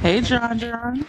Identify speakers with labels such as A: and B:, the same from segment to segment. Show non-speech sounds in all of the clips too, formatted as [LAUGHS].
A: Hey, John John.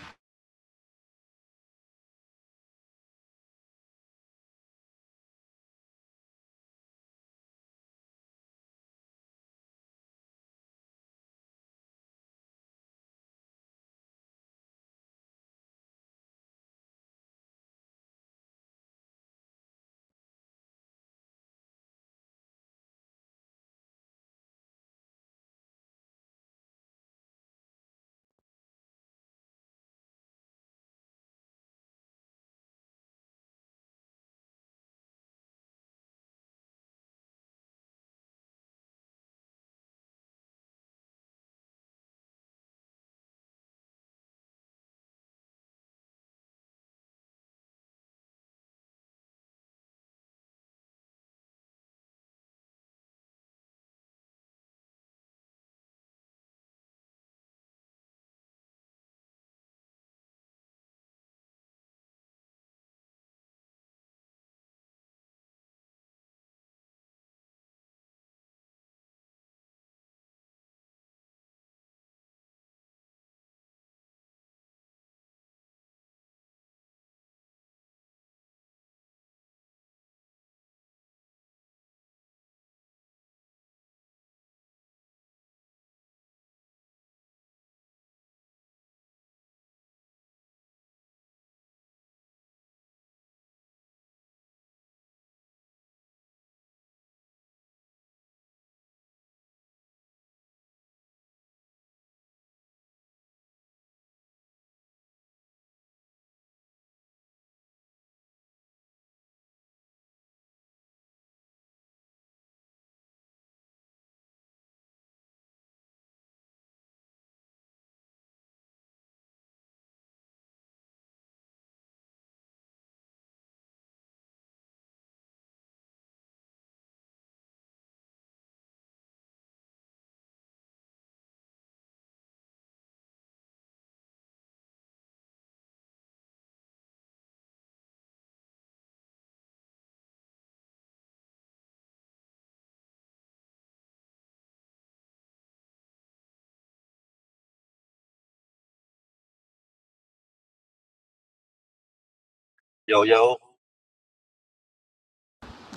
B: Yo, yo,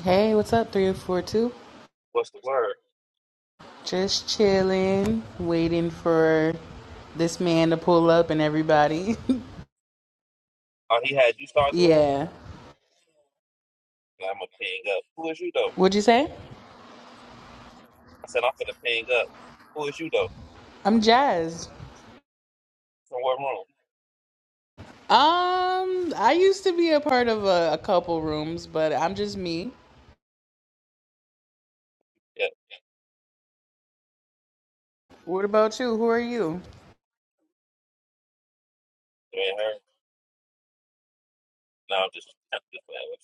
A: Hey, what's up, 3042?
B: what's the word?
A: Just chilling, waiting for this man to pull up and everybody.
B: Oh, he had you
A: [LAUGHS]
B: start the room?
A: yeah.
B: Yeah, I'm gonna ping up. Who is you though?
A: What'd you say?
B: I said I'm gonna ping up. Who is you though?
A: I'm jazzed.
B: From what room?
A: Um, I used to be a part of a, a couple rooms, but I'm just me.
B: Yeah,
A: What about you? Who are you?
B: you ain't her. No, I'm just, [LAUGHS] I'm just playing with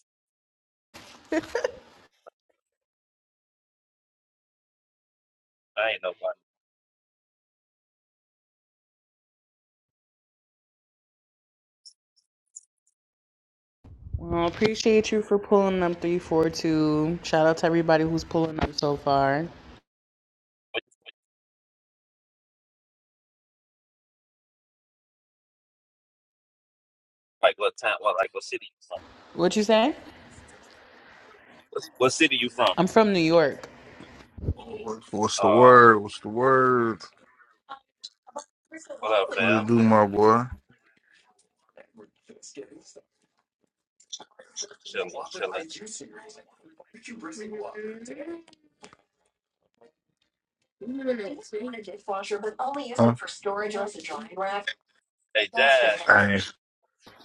B: you. I ain't nobody. What-
A: Well, appreciate you for pulling up 342. Shout out to everybody who's pulling up so far.
B: Like what time? What like what city you from?
A: What'd you say?
B: What what city you from?
A: I'm from New York.
C: What's the
B: Uh,
C: word? What's the word?
B: what up,
C: What
B: fam?
C: it do, my boy? Huh?
B: Chilling, chilling.
C: Hey.
B: Hey, Jazz,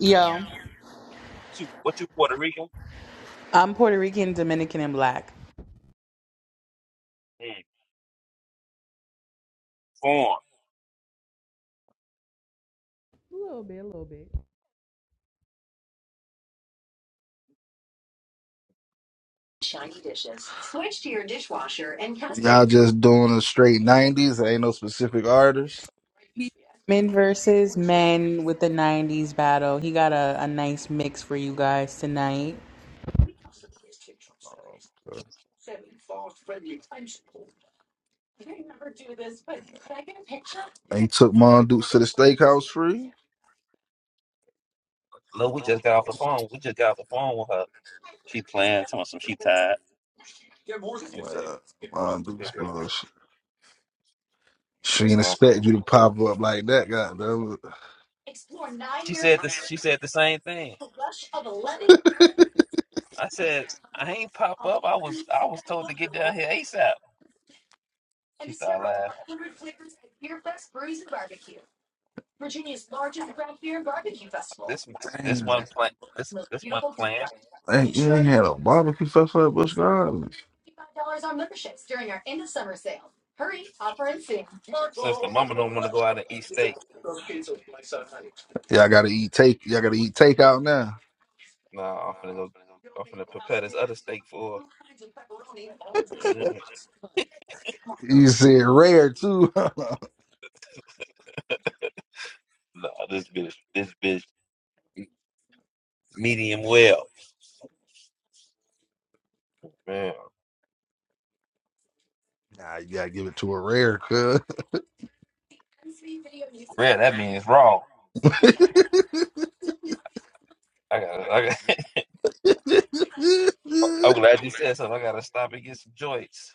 A: Yo,
B: you, what you Puerto Rican?
A: I'm Puerto Rican, Dominican, and black.
B: Mm, foreign.
A: A little bit, a little bit.
C: Y'all just doing a straight 90s. Ain't no specific artist.
A: Men versus men with the 90s battle. He got a, a nice mix for you guys tonight.
C: Okay. They took Mon Dukes to the steakhouse free.
B: Look, we just got off the phone. We just got off the phone with her. She playing, telling some she tired. [LAUGHS]
C: Well, Mon Dukes, bullshit. She didn't
B: So
C: expect you to pop up like that, goddamn.
B: she said this. She said the same thing. I said, I ain't pop up. I was I was told to get down here ASAP. She started laughing. This this one plan this this one plan.
C: I Ain't you ain't had a barbecue festival at Busch Gardens.
B: Since the mama don't want to go out and eat steak,
C: Y'all gotta eat take. Y'all gotta eat takeout now.
B: nah, I'm finna go. I'm finna prepare this other steak for. her. [LAUGHS]
C: You said rare too. [LAUGHS] nah,
B: Nah, this bitch, this bitch, medium well. Man,
C: you gotta give it to a rare, cuz.
B: rare. That means raw.
C: [LAUGHS]
B: I got. I got. [LAUGHS] I'm glad you said something. I gotta stop and get some joints.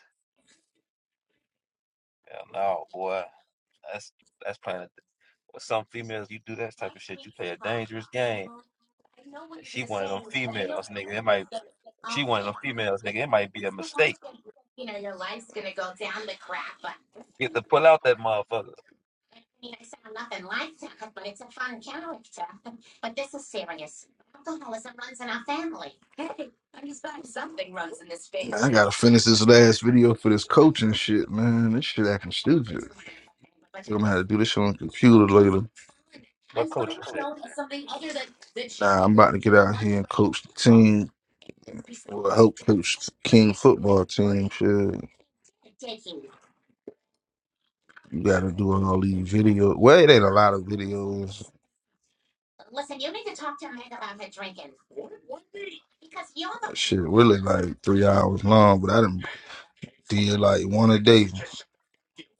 B: Hell no, boy. That's that's playing. With some females, you do that type of shit. You play a dangerous game. She one of them females, nigga. It might she one of them females, nigga. It might be a mistake. Get to pull out that motherfucker.
C: Man, I gotta finish this last video for this coaching shit, man. This shit acting stupid. I'm gonna have to do this shit on the computer later.
B: What coach is that?
C: Nah, I'm about to get out here and coach the team. Well, help coach the King football team. Shit. You gotta do all these videos. Well, it ain't a lot of videos. Shit, really like three hours long, but I done did like one a day.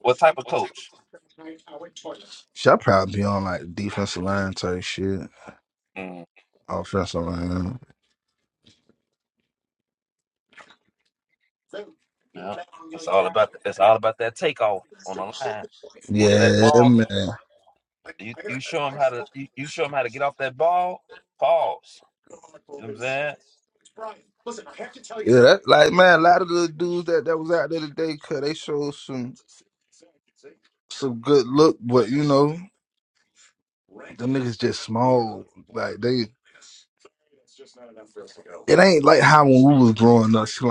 B: What type of coach?
C: Shit, I probably be on like defensive line type shit,
B: Mm,
C: offensive line.
B: yeah. It's all about that. That's all about that takeoff on the line. Once that
C: Yeah,
B: ball,
C: man.
B: you, you show them how to you, you show them how to get off that ball. Pause. You know what I'm saying?
C: Yeah, that, like man, a lot of the dudes that, that was out there today, cause they showed some some good look, but you know, them niggas just small. Like they shit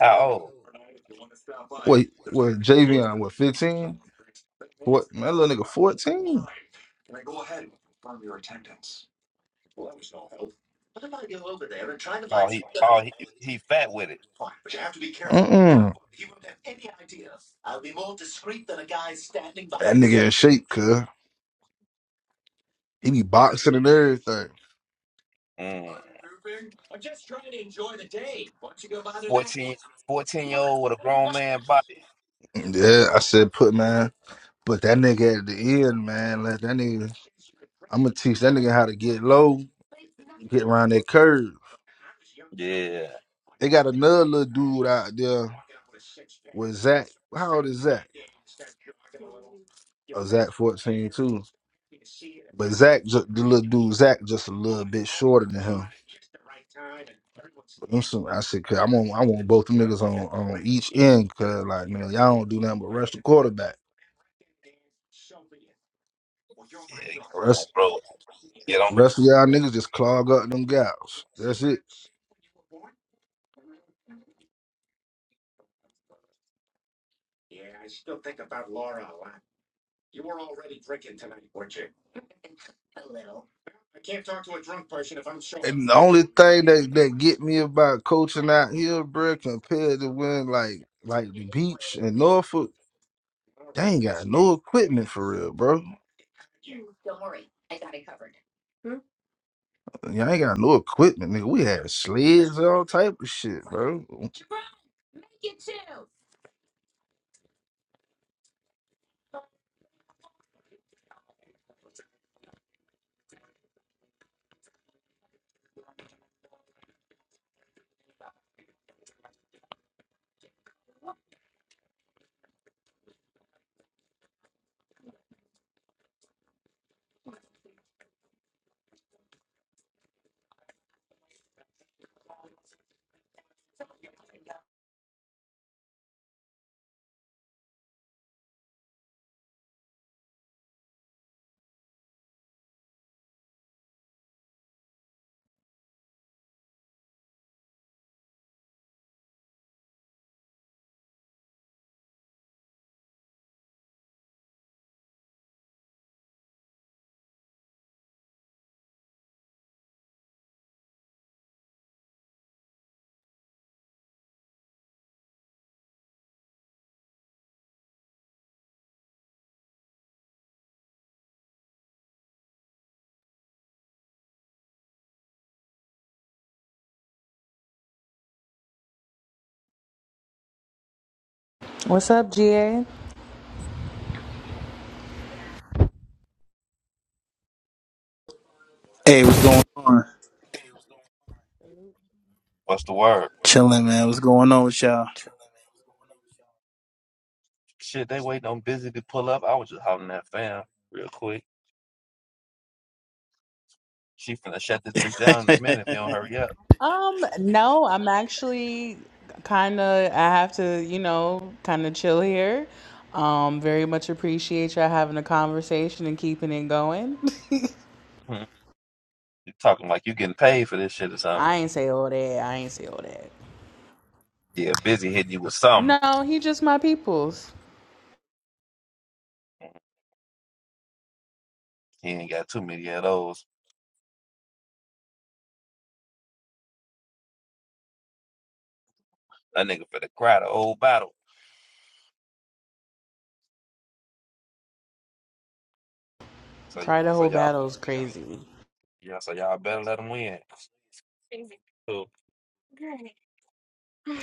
B: How old?
C: what that little nigga fourteen?
B: Oh, he oh he he fat with it.
C: Mm-mm. That nigga in shape, cuz. He be boxing and everything.
B: Mm. 14, fourteen year old with a grown man body.
C: Yeah, I said put man. But that nigga at the end, man, let that nigga I'ma teach that nigga how to get low, get around that curve.
B: Yeah.
C: They got another little dude out there with Zach. How old is Zach? Uh, Zach 14 too. But Zach, ju- the little dude, Zach, just a little bit shorter than him. But them some, I said, cause I want, I want both them niggas on, on each end, cause like, man, y'all don't do nothing but rush the quarterback.
B: Yeah.
C: Rest,
B: Bro, get on.
C: rest of y'all niggas just clog up them gals. That's it. And the only thing that that get me about coaching out here, bruh, compared to when like like the beach in Norfolk. Y'all ain't got no equipment for real, bro. Y'all ain't got no equipment, nigga. We had sleds, all type of shit, bro.
A: What's up, GA?
D: Hey, what's going on?
B: What's the word?
D: Chilling, man. What's going on with y'all?
B: Shit, they waiting on Busy to pull up. I was just hollering at fam real quick. She finna shut this bitch down in a minute if you don't hurry up.
A: Um, no, I'm actually kind of, I have to, you know, kind of chill here. Um, very much appreciate y'all having a conversation and keeping it going. [LAUGHS]
B: Hmm. You talking like you getting paid for this shit or something.
A: I ain't say all that. I ain't say all that.
B: Yeah, Busy hitting you with something.
A: No, he just my peoples.
B: He ain't got too many of those. That nigga finna cry the whole battle. So,
A: Cry the
B: so
A: whole
B: y'all,
A: battle's crazy.
B: yeah, so y'all better let him win. Cool.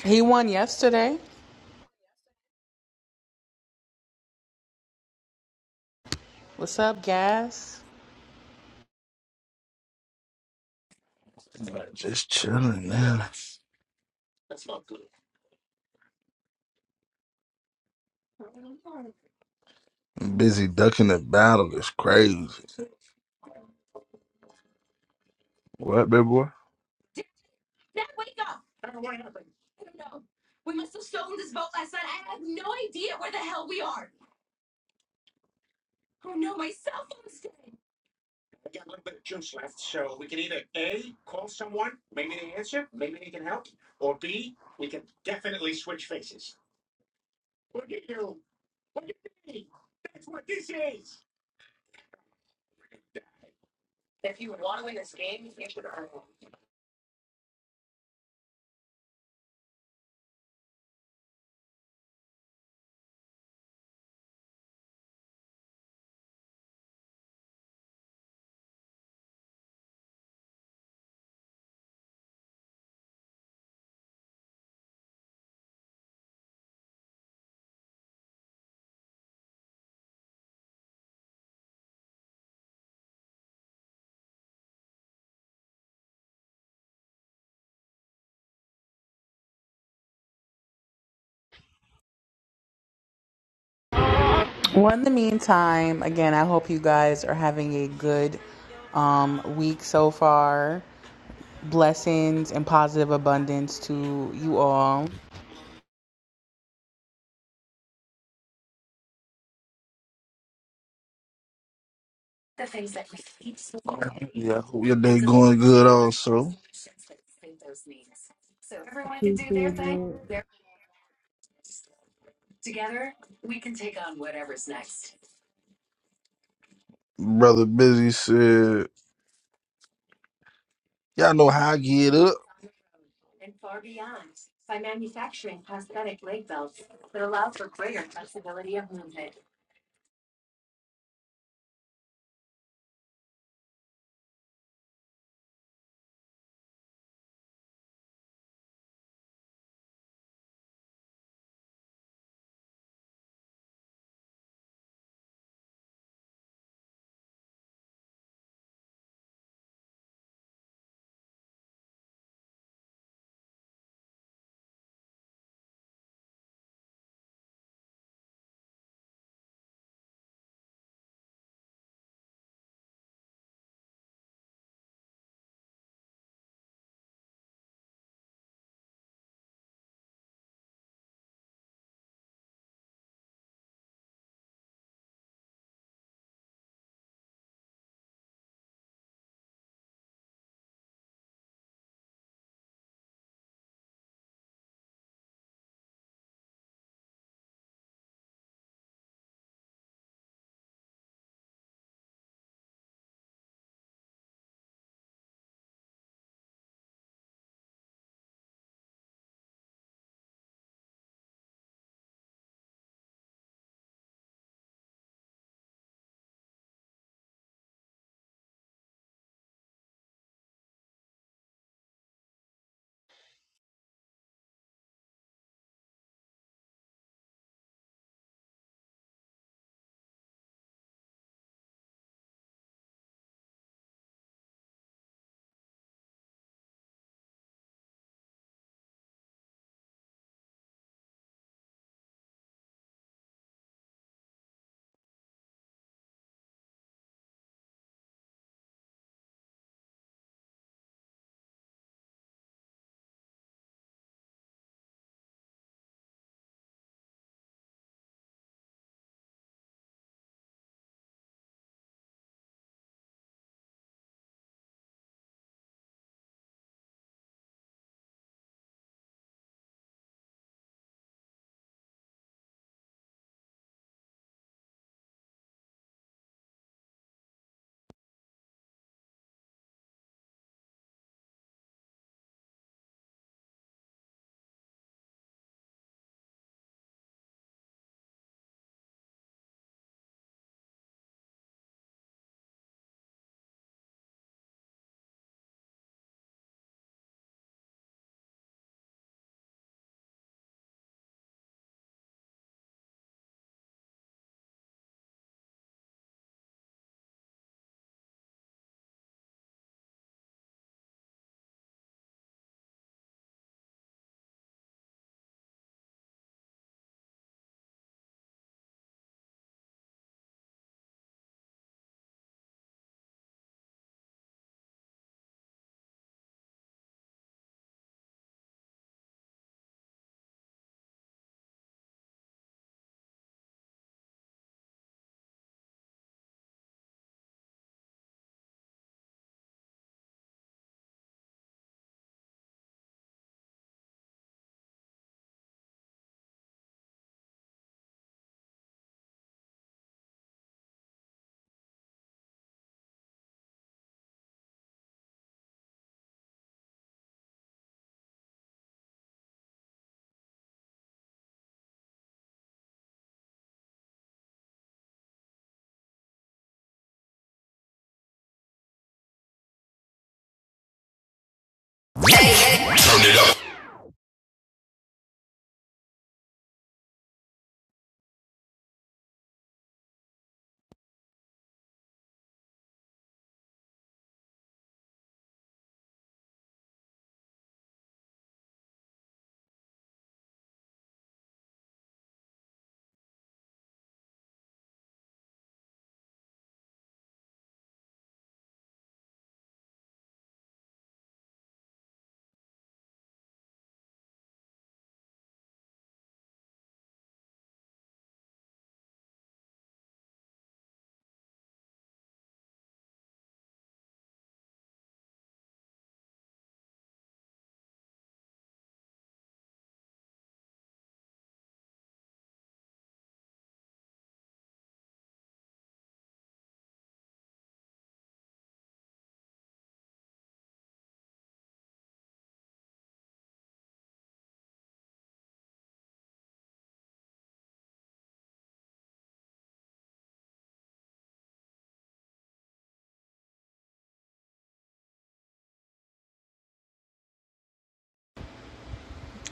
A: He won yesterday. What's up, Gas?
C: Just chilling, man. busy ducking the battle is crazy. What, baby boy?
A: Well, in the meantime, again, I hope you guys are having a good um, week so far. Blessings and positive abundance to you all.
C: Yeah, hope your day going good also.
A: Appreciate it.
C: Brother Busy said, Y'all know how I get up.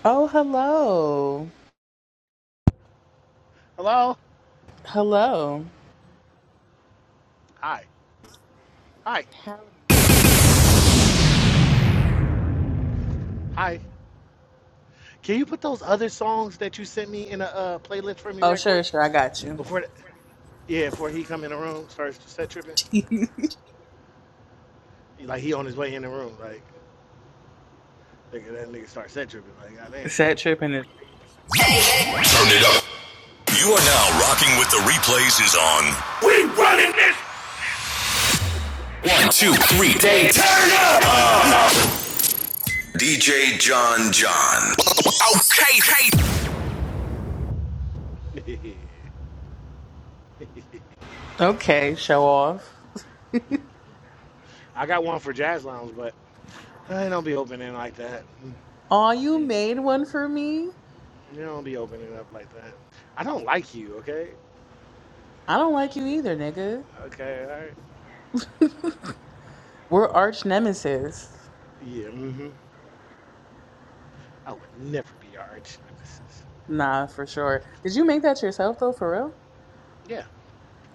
A: Oh, hello.
E: Hello?
A: Hello.
E: Hi. Hi. Hi. Can you put those other songs that you sent me in a uh, playlist for me
A: Oh,
E: right
A: sure,
E: quick?
A: sure. I got you.
E: Before the, yeah, before he come in the room, starts to set tripping.
A: [LAUGHS]
E: He, like he on his way in the room, like nigga, that nigga start set tripping. Like
A: Set tripping it.
F: Turn it up. You are now rocking with the replays is on. One, two, three, day. DJ John John. Okay, hey.
E: goddamn.
A: okay. Show off.
E: [LAUGHS] I got one for jazz lounge, but I don't be opening like that.
A: Aw, you made one for me.
E: You don't be opening up like that. I don't like you, okay?
A: I don't like you either, nigga.
E: Okay, all right.
A: We're arch nemesis.
E: Yeah, mm-hmm. I would never be your arch nemesis.
A: Nah, for sure. Did you make that yourself though? For real?
E: Yeah,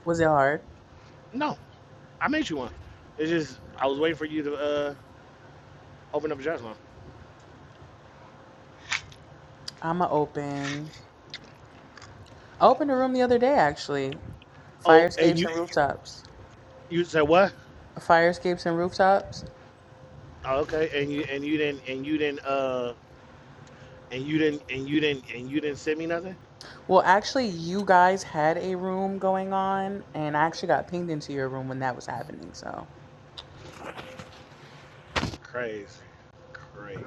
A: Was it hard?
E: no, I made you one. It's just I was waiting for you to uh, open up a jazz lounge.
A: I'ma open. I opened a room the other day actually. Fire
E: Oh, and
A: escapes
E: you
A: and rooftops.
E: you said what?
A: Fire escapes and rooftops.
E: Oh, okay. And you and you didn't and you didn't uh and you didn't and you didn't and you didn't send me nothing?
A: Well, actually, you guys had a room going on, and I actually got pinged into your room when that was happening. So,
E: Crazy, crazy.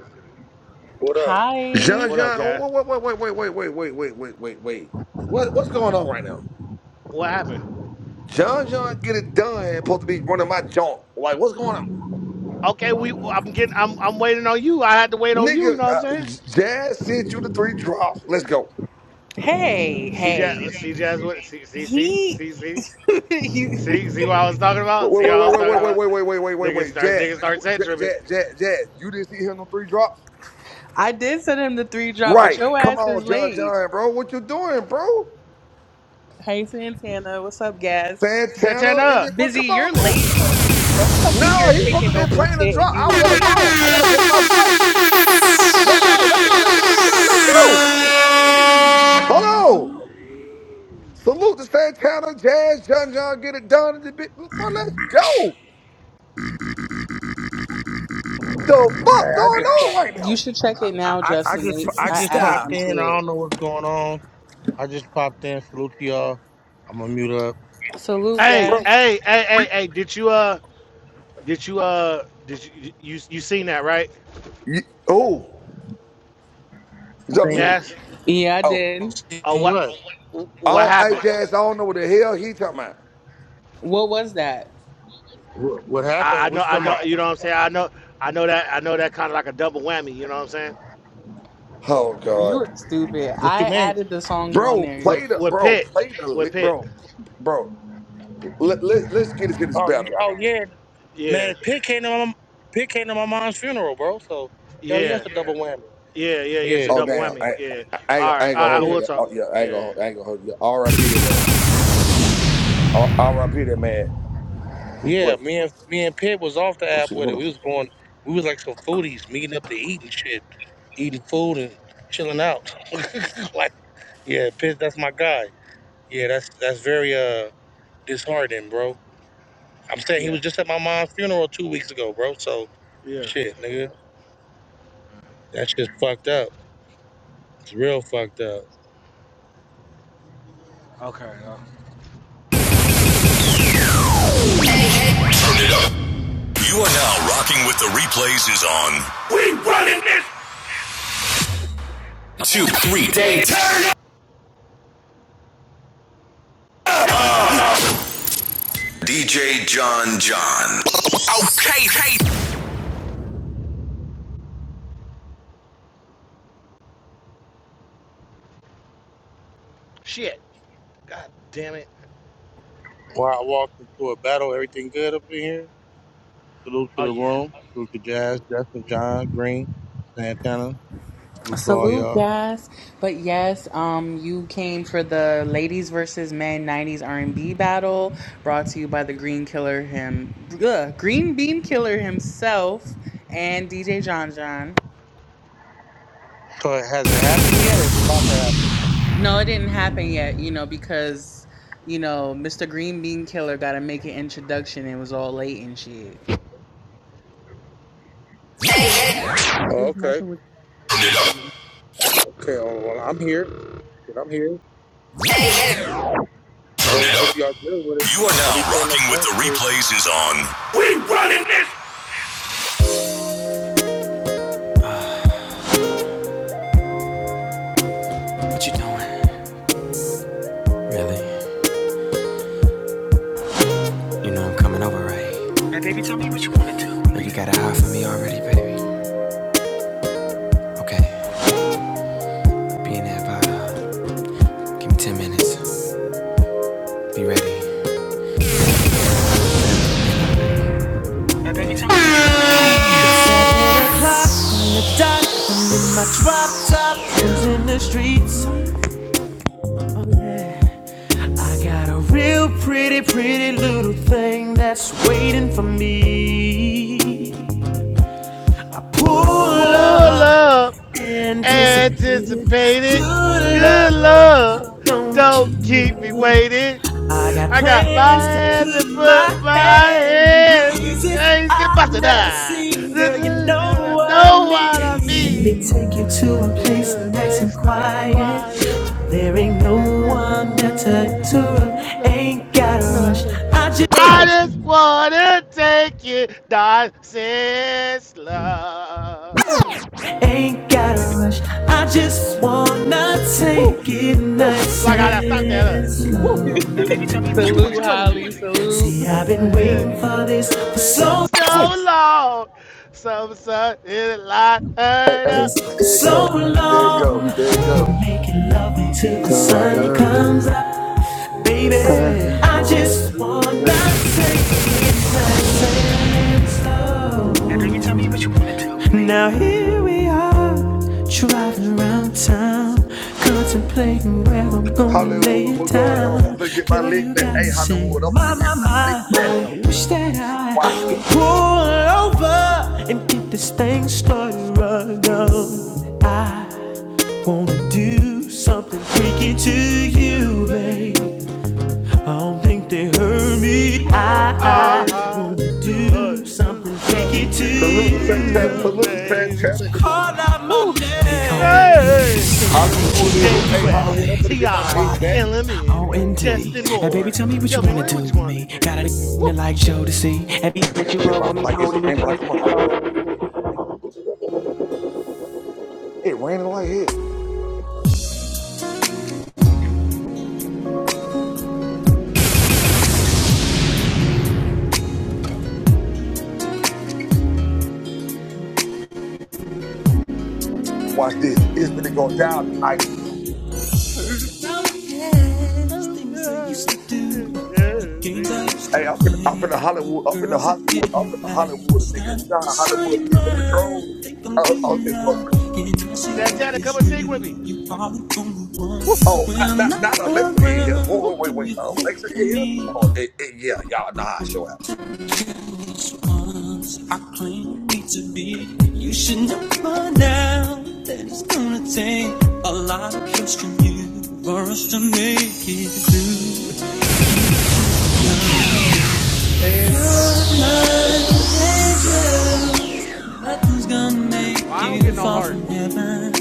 G: What up?
A: hi.
H: John
E: What up,
H: John,
E: guy?
H: oh, wait, wait, wait, wait, wait, wait, wait, wait, wait, wait, wait. What what's going on right now?
E: What happened?
H: John John, get it done. Supposed to be running my joint. Like, what's going on,
E: Okay, we I'm getting I'm I'm waiting on you. I had to wait on you. You
H: nigga?
E: know what I'm
H: Uh,
E: saying?
H: J- Jazz sent you the three drops. Let's go.
A: Hey,
E: See, Jazz,
A: hey.
E: see, Jazz, what? See, see, see,
A: He,
E: see, see,
A: [LAUGHS] you,
E: see, see what I was talking
H: Wait,
E: about?
H: wait,
E: See what I
H: wait,
E: was
H: wait,
E: talking
H: wait, wait,
E: about?
H: wait, wait, wait, wait, wait, wait,
E: Niggas
H: wait.
E: starts,
H: Jazz,
E: niggas start set
H: Jazz,
E: tripping.
H: Jazz, Jazz. Jazz, You didn't see him no three drops,
A: I did send him the three drop, but
H: right?
A: your
H: Come
A: ass is
H: on, John
A: late.
H: John, bro. What you doing, bro?
A: Hey, Santana. What's up, guys?
H: Santana in
E: Santana,
H: it, bro.
A: Busy,
H: Come
A: you're
H: on, bro.
A: late, though. Don't come in
H: No,
A: here
H: he supposed to
A: kicking
H: be
A: over
H: playing the
A: shit and
H: drop.
A: you
H: I
A: was
H: was on the
A: late
H: phone. I gotta catch my flight. Let go, let go, let go, let go, let go. Hello. Salute to Santana, Jazz, John John, get it done. and the bit- Bro, let's go. The
G: Hey,
H: fuck
G: I
H: going
G: just
H: on
G: pop,
H: right
A: You
H: now?
A: should check it
G: I,
A: now,
G: I I
A: Justin.
G: just
A: They
G: I
A: I
G: just
A: added
F: Style.
G: popped
A: them to
G: in. I
A: it.
G: don't know what's going on. I just popped in. Salute to y'all. I'm gonna mute up.
A: Salute,
E: hey,
H: Bro,
A: guys.
E: hey, hey,
H: we,
E: hey, hey, did you uh, did you uh, did you you you seen that right?
H: we- you- oh, is that
G: Seen,
H: me?
E: Gas.
A: Yeah, I
H: Oh,
A: did.
E: Oh,
G: seen
E: what
G: what?
H: I
E: what
H: don't, hey,
E: happened?
H: Jazz, I don't know what the hell he talking about.
A: What was that?
G: what? What
E: I, I
G: happened?
E: know,
G: What you
E: I
G: talking
E: know.
G: about?
E: You know what I'm saying? I know, I know that. I know that kind of like a double whammy. You know what I'm saying?
H: Oh,
A: You
H: God.
A: look stupid.
G: What you
A: I
G: mean?
A: added the songs on
H: Bro,
A: there.
E: With
H: play the,
E: with
H: bro,
E: Pitt,
H: play the, li-
E: with Pitt.
H: bro, bro, let, let, let's get into this
G: Oh,
H: battle,
G: yeah,
H: bro.
G: oh yeah,
E: Yeah,
G: man. Pick came to my mom- came to my mom's funeral, bro. So hell yes,
E: yeah,
G: a double whammy.
E: yeah, yeah, yeah. It's a
G: Yeah,
H: Oh,
E: double
H: damn.
E: whammy.
H: I,
E: Yeah.
H: I, I ain't
E: All
H: gonna I
E: right.
H: ain't
E: All
H: gonna hold
E: right.
G: yeah,
H: you.
E: We'll talk.
H: Oh, yeah, I ain't gonna,
E: Yeah,
H: hold- I ain't gonna hold you. RIP that man. RIP that man.
G: yeah.
H: What?
G: Me and me and Pitt was off the
H: Oh,
G: app
H: shit,
G: with
H: hold
G: it. We
H: on.
G: was going. We was like some foodies meeting up to eat and shit, eating food and chilling out. [LAUGHS] like yeah, Pitt, that's my guy. Yeah, that's that's very uh disheartening, bro. I'm saying he
E: yeah,
G: was just at my mom's funeral two weeks ago, bro. So,
E: yeah.
G: shit, nigga, that shit's fucked up. It's real fucked up.
E: Okay. Uh,
F: You are now rocking with the replays is on. Two, three, day. Hey, hey. Turn
E: shit. God damn it.
G: While I walked into a battle, everything good up in here. Salute to
E: Oh
G: the
E: yeah.
G: room. Salute to Jazz, Justin, John, Green, Santana. Salute to all
A: Salute,
G: y'all.
A: guys. But yes, um, you came for the ladies versus men '90s R&B battle, brought to you by the Green Killer him, ugh, Green Bean Killer himself, and DJ John John.
G: So, has it happened yet, or is it about to happen?
A: No, it didn't happen yet, you know, because, you know, Mr. Green Bean Killer got to make an introduction and it was all late and shit. I'm
G: Oh,
A: just
G: okay,
A: messing with
F: it up,
A: you,
G: okay. Well, I'm here. Shit, I'm here. I
F: turn
G: hope I
F: it
G: hope
F: up.
G: y'all good with it.
F: You are
G: Don't be
F: now
G: playing no
F: rocking with
G: bunk
F: the
G: shit.
F: replays is on. What you doing? Really? You know I'm coming over, right? Know you got a eye for me already, baby. Okay. Be in there by uh, give me ten minutes. Be ready. Now, baby, done. I'm in my drop top, is in the streets. I got a real pretty, pretty little thing that's waiting for me.
E: Pull
F: Pull up,
E: up.
F: anticipated.
E: Anticipated.
F: Good
E: Good love.
F: love, don't keep
E: Don't
F: me
E: keep me
F: waiting.
E: waiting.
F: I got
E: I got my
F: plans to
E: hands and
F: put my
E: put my
F: hands in
E: hands in
F: places
E: hands and
F: I've
E: busted
F: never
E: eye.
F: seen, girl. You know what I
E: No
F: mean.
E: one on
F: Let me
E: me.
F: take you to
E: I
F: a
E: can
F: place
E: do the
F: nice and
E: place nice and
F: quiet.
E: quiet.
F: There ain't
E: And
F: no
E: no
F: one
E: one
F: better to
E: is in the
F: interrupt.
E: room.
F: Ain't gotta rush.
E: Not a dog.
F: I
E: I
F: just
E: just wanna take you dancing slow.
F: ain't gotta rush. I just wanna
E: Woo!
F: take it
E: Woo!
F: nice
E: Like how that stopped that up.
F: and
E: Woo!
F: slow.
A: by the way, Dizzy. [LAUGHS]
E: Tell me what
A: salute,
E: you wanna
A: Holly.
E: do.
A: Salute.
F: See, I've been
E: Into
F: waiting for this for
E: this
F: so long.
E: so long. Some sun in light
H: Hey,
E: and
H: hey,
E: up.
F: This for
H: there it
F: so
H: go. There it
F: long,
H: go. There it go.
F: you're making love until the
H: Cause
F: sun
H: uh,
F: comes up, baby.
H: I just
F: I
H: want
F: just
H: to
F: wanna
H: take it
F: take it
H: nice
F: nice
H: and
F: and
H: slow.
F: slow. Now, can you tell me what now here we are, driving around town, contemplating where I'm gonna lay
H: Hollywood,
F: it
H: what's going on? I'm
F: down.
H: finna get my
F: Girl,
H: lick
F: you
H: back.
F: got me
H: Hey, Hollywood, I'm
F: saying, my,
H: finna get
F: my,
H: my
F: my,
H: lick back.
F: I wish that I
H: Watch this.
F: could pull over and get this thing started right now. I wanna do something freaky to you, babe. I don't think they heard me. I, I
E: Ah,
F: wanna
E: uh,
F: do
E: do
F: something
E: some
F: freaky to
E: freaking
H: Salute to
F: you,
H: Santana.
F: babe.
E: you,
H: Salute to
E: baby.
H: Santana.
F: Call out my
E: Whoo,
F: name.
E: Hey, hey, oh,
H: Hollywood in
E: J
H: here. Hey,
E: U S
H: Hollywood, I'm finna
E: T
H: get my
E: I
H: lick back.
E: L M N,
F: T-O-M-O-N-D.
E: Justin
F: And baby,
E: Moore.
F: tell me what you
E: Tell me,
F: wanna
E: what
F: do
E: you
F: with
E: want to
F: me.
E: do?
F: Got a to
E: Woo.
F: like Joe to see. And be
H: Damn, I
F: that you
H: gotta
F: heard
H: get my flight. It's raining like a motherfucker. It raining like hell. Watch this. It's finna go down tonight.
F: about yes, things I used to do, the games I used to
H: Hey, I'm finna, I'm
F: play,
H: finna Hollywood,
F: the
H: I'm finna
F: girls that
H: Hollywood, I'm
F: didn't
H: finna
F: last.
H: Hollywood a
F: I
H: nigga. You know how
F: saw
H: Hollywood
F: your
H: is, baby trolls?
F: mind, think I'm
H: Uh, oh,
F: getting
H: it's going
F: out.
H: to
F: Can I see what
E: Santana,
F: is
E: come and sing with me.
F: real? All the only one.
E: Woo,
H: Oh, not,
F: Well,
H: not, not
F: now,
H: Alexa in here. Hold
E: woo.
H: on,
F: do
H: wait, wait,
F: you
H: Alexa
F: think?
H: in here? Oh, eh, eh, yeah, y'all know how I show out.
F: Once I claimed me to be, you should not mind that it's me. A lot of you for us to make it through.
H: And just
F: I
E: Angel.
F: hate you. Nothing's gonna
E: Well,
F: make
E: I
F: you
E: don't get no
F: fall
E: heart.
F: from heaven,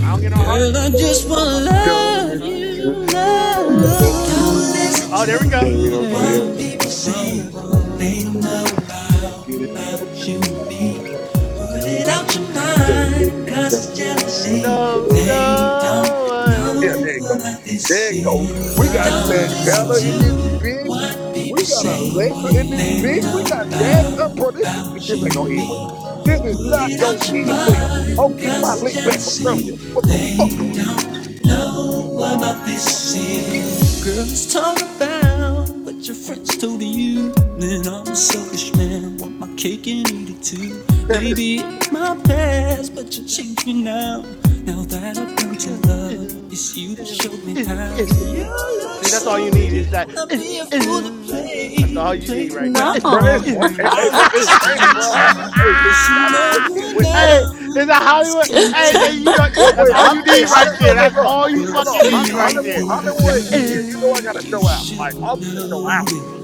E: I don't get no heart.
F: girl. I just
E: That's
F: wanna
E: fucked up.
H: done
E: Let's
F: love
H: this
E: go. ahead.
F: you,
H: to
E: Yeah, yes,
H: what
F: love. Don't
H: people
E: bro.
F: listen.
H: say.
E: Oh, there we go.
H: They
E: He
H: don't care
E: say
H: about
E: nothing
H: what you
E: else
H: and me.
E: has been
H: Get it
E: me."
H: back in
F: you and
H: my
F: me.
H: eyes,
F: Put it out
H: jealousy.
F: your mind,
H: They
F: cause it's
E: Yeah,
F: jealousy.
H: don't
E: no,
H: know.
F: They don't
E: no. What
H: Yeah,
F: know
E: is
H: there you go.
E: it?"
F: about this
H: There you go.
F: feeling.
H: We got
F: Don't
H: Santana
F: listen to
H: in this bitch.
F: what people
H: We got
F: say
H: Alexa in this
F: they
H: bitch. We
F: don't know
H: got Jazz up, bro.
F: about,
H: This shit,
F: about
H: this
F: you,
H: ain't gonna
F: and
H: end
F: me.
H: well. This is
F: Put
H: not
F: it
H: gonna
F: out your
H: end well. I'll
F: mind,
H: get my
F: cause
H: lick back from earlier.
F: jealousy,
H: What the fuck going
F: they
H: on?
F: don't know about this is. Girls talk about what your friends told you. Then I'm a selfish man, want my cake and eat it too. Maybe it might past, but you changed me now. Now that I found your
E: Ooh,
F: love,
E: ooh,
F: it's you that
E: ooh,
F: showed me how.
E: ooh,
F: Your
E: ooh. See,
F: love's
E: that's all
F: so
E: you need. It's like,
F: real, I'd
E: ooh,
F: be a fool to
E: ooh. That's all
F: play,
E: you
F: play
E: need right there.
F: around
H: Bro,
F: with
I: No.
F: you.
H: it's
E: Ooh,
H: ra- hey,
E: ooh. [LAUGHS]
H: hey,
F: I'm
H: bro,
I: [LAUGHS]
F: not
H: it's raining,
F: ashamed
H: bro. I, I,
F: with
H: I, hey,
F: you. You
H: it's, y'all
F: should
H: don't
F: know
H: hit being
F: right
H: wet. Hold on.
E: hey, is that
F: now. It's
E: Hollywood?
F: gonna
E: Hey, hey, you
F: take
E: know,
F: a
H: Wait,
E: that's
H: wait.
E: all
F: lot
H: Hol-
E: you
F: of
H: hey,
E: need
F: trust
E: right
H: Hollywood,
F: from
E: there.
H: look,
F: you
H: look,
E: That's
H: look.
E: all you
F: for us
H: Hold on.
E: fucking
F: to
H: Hol-
E: need right
F: make
H: Hollywood,
E: there.
F: it
E: It's that,
H: Hollywood in here. You
F: through.
H: know I
E: ooh,
H: gotta
F: You
H: show out. Like, I'm
F: should
H: gonna show
F: know
H: out.
F: that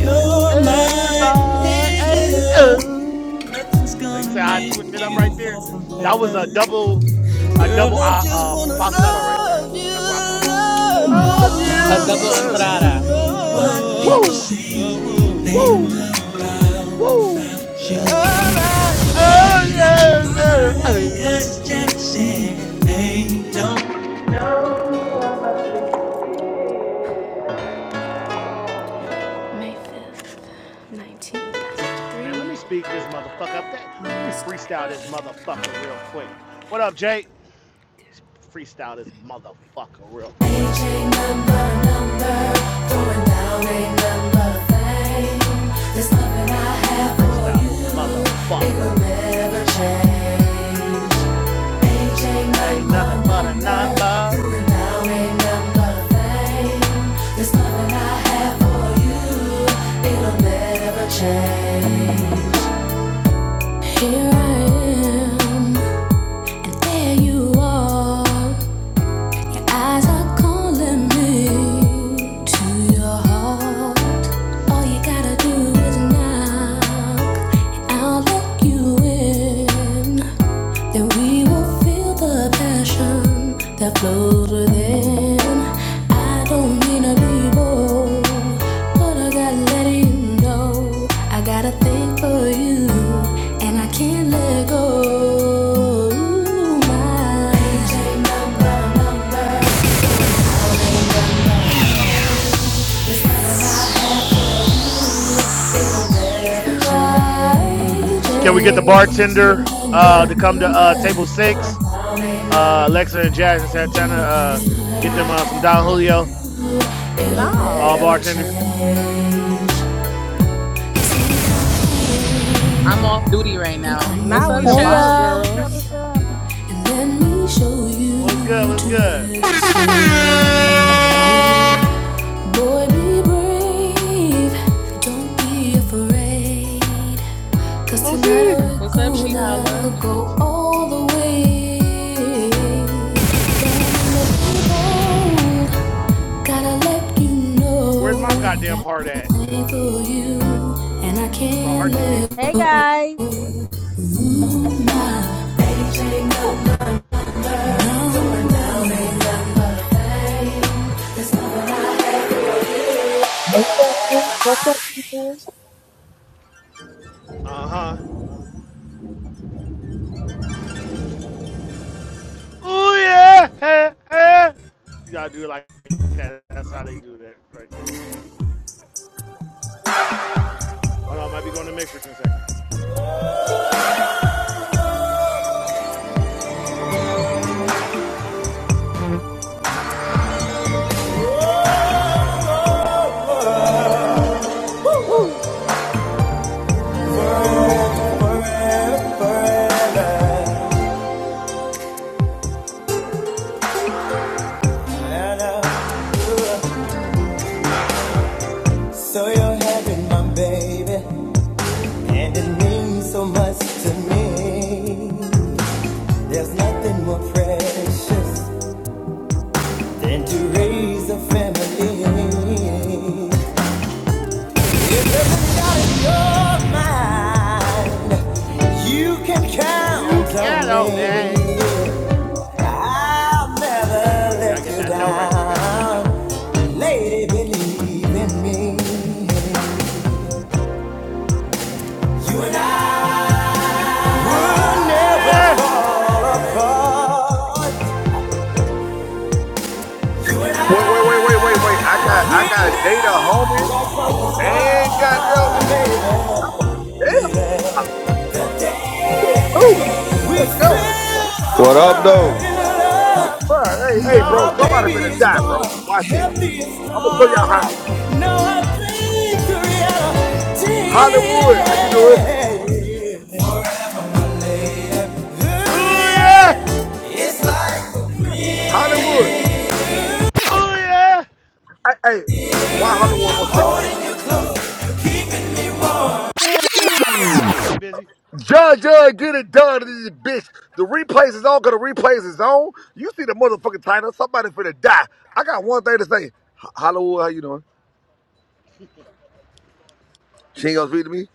F: you're
E: ooh,
F: my
E: my age,
F: angel.
E: ooh.
F: Nothing's
E: You
F: gonna
E: say I
F: make
E: switched it up
F: you
E: right there.
F: fall from
E: That was a
F: heaven.
E: double, a
F: Girl,
E: double
F: I
E: uh,
F: just
E: uh,
F: wanna
E: falsetto right there.
F: love you,
E: That's what I call it. Of
F: love you.
A: A double entrada.
E: you. Woo! Woo! Woo! Uh, uh, uh, uh. Man,
F: May 5th,
E: let me
F: 1993,
E: speak this motherfucker up. That- Let me freestyle
F: Wednesday.
E: this motherfucker real quick. What up, Jake? Let's Freestyle this motherfucker real quick. Freestyle this motherfucker. That ain't nothing but a number.
F: There you are, your eyes are calling me to your heart. All you gotta do is knock, I'll let you in. Then we will feel the passion that flows within. I don't mean to be bold, but I gotta let you know I got a thing for you, and I can't let go. My agent number, number, my
E: Can we get the
F: agent
E: bartender
F: number,
E: uh, to come to uh,
F: number,
E: table six? Uh, Alexa and Jazz and Santana, uh,
F: 'cause
E: get them uh, some Don Julio,
F: it'll
E: all
J: No,
F: never
E: bartenders.
F: change.
A: I'm off duty right
F: and
A: now.
F: come
A: What's
J: now
F: with
J: we
A: up,
J: the
K: Hey
F: me
J: bottle
A: Shell?
K: y'all, what's up? What's
J: girls.
K: up?
F: and let me show you
E: What's good? What's
F: to
E: good?
F: live. Boy, be brave, don't be afraid. Cause tonight
E: Moosey,
F: we're
A: What's up, Shihala?
F: gonna go all the way. got to let you
E: where's
F: know, Gotta
E: my
F: let you
E: goddamn
F: know I
E: heart
F: got
E: at?
F: a thing for you, and I
E: What's the
F: can't
E: heart that you?
F: let you go.
K: Hey guys,
L: Hey, Chad. What's up, people?
E: Uh huh. Oh yeah, hey, hey. You gotta do it like that. That's how they do that right there, like that. Hold on, I might be going to mixers in a second. Woo!
F: So you're having my baby. And it means so much to me. There's nothing more precious than to raise a family. And out of your mind, you
E: You quiero me. You gotta get that note right there. You gotta hit that note. Oh yeah,
H: Wait, wait, wait, wait, wait, wait. I got, I got Jada homie. And goddamn, it be oh hell no, salute. Let's go,
F: feel so
M: What up,
F: far
M: though?
F: in love.
H: bro. Hey, hey,
F: Now
H: bro.
F: our
H: Somebody
F: baby
H: finna
F: is
H: die,
F: born,
H: bro. Watch this.
F: healthy and
H: I'm gonna show y'all
F: strong.
H: how.
F: Now I think the reality.
H: Hollywood, how you doing?
F: Forever. Ooh,
E: oh yeah,
F: yeah. It's like
H: Hollywood.
E: oh yeah.
H: Hey, hey. Why Hollywood wants me?
E: What you got to say, Busy?
H: John, John, get it done to this bitch. The replays is on, cause the replays is on. You see the motherfucking title. Somebody finna die. I got one thing to say. Ho- Hollywood, how you doing? She ain't gonna speak to me.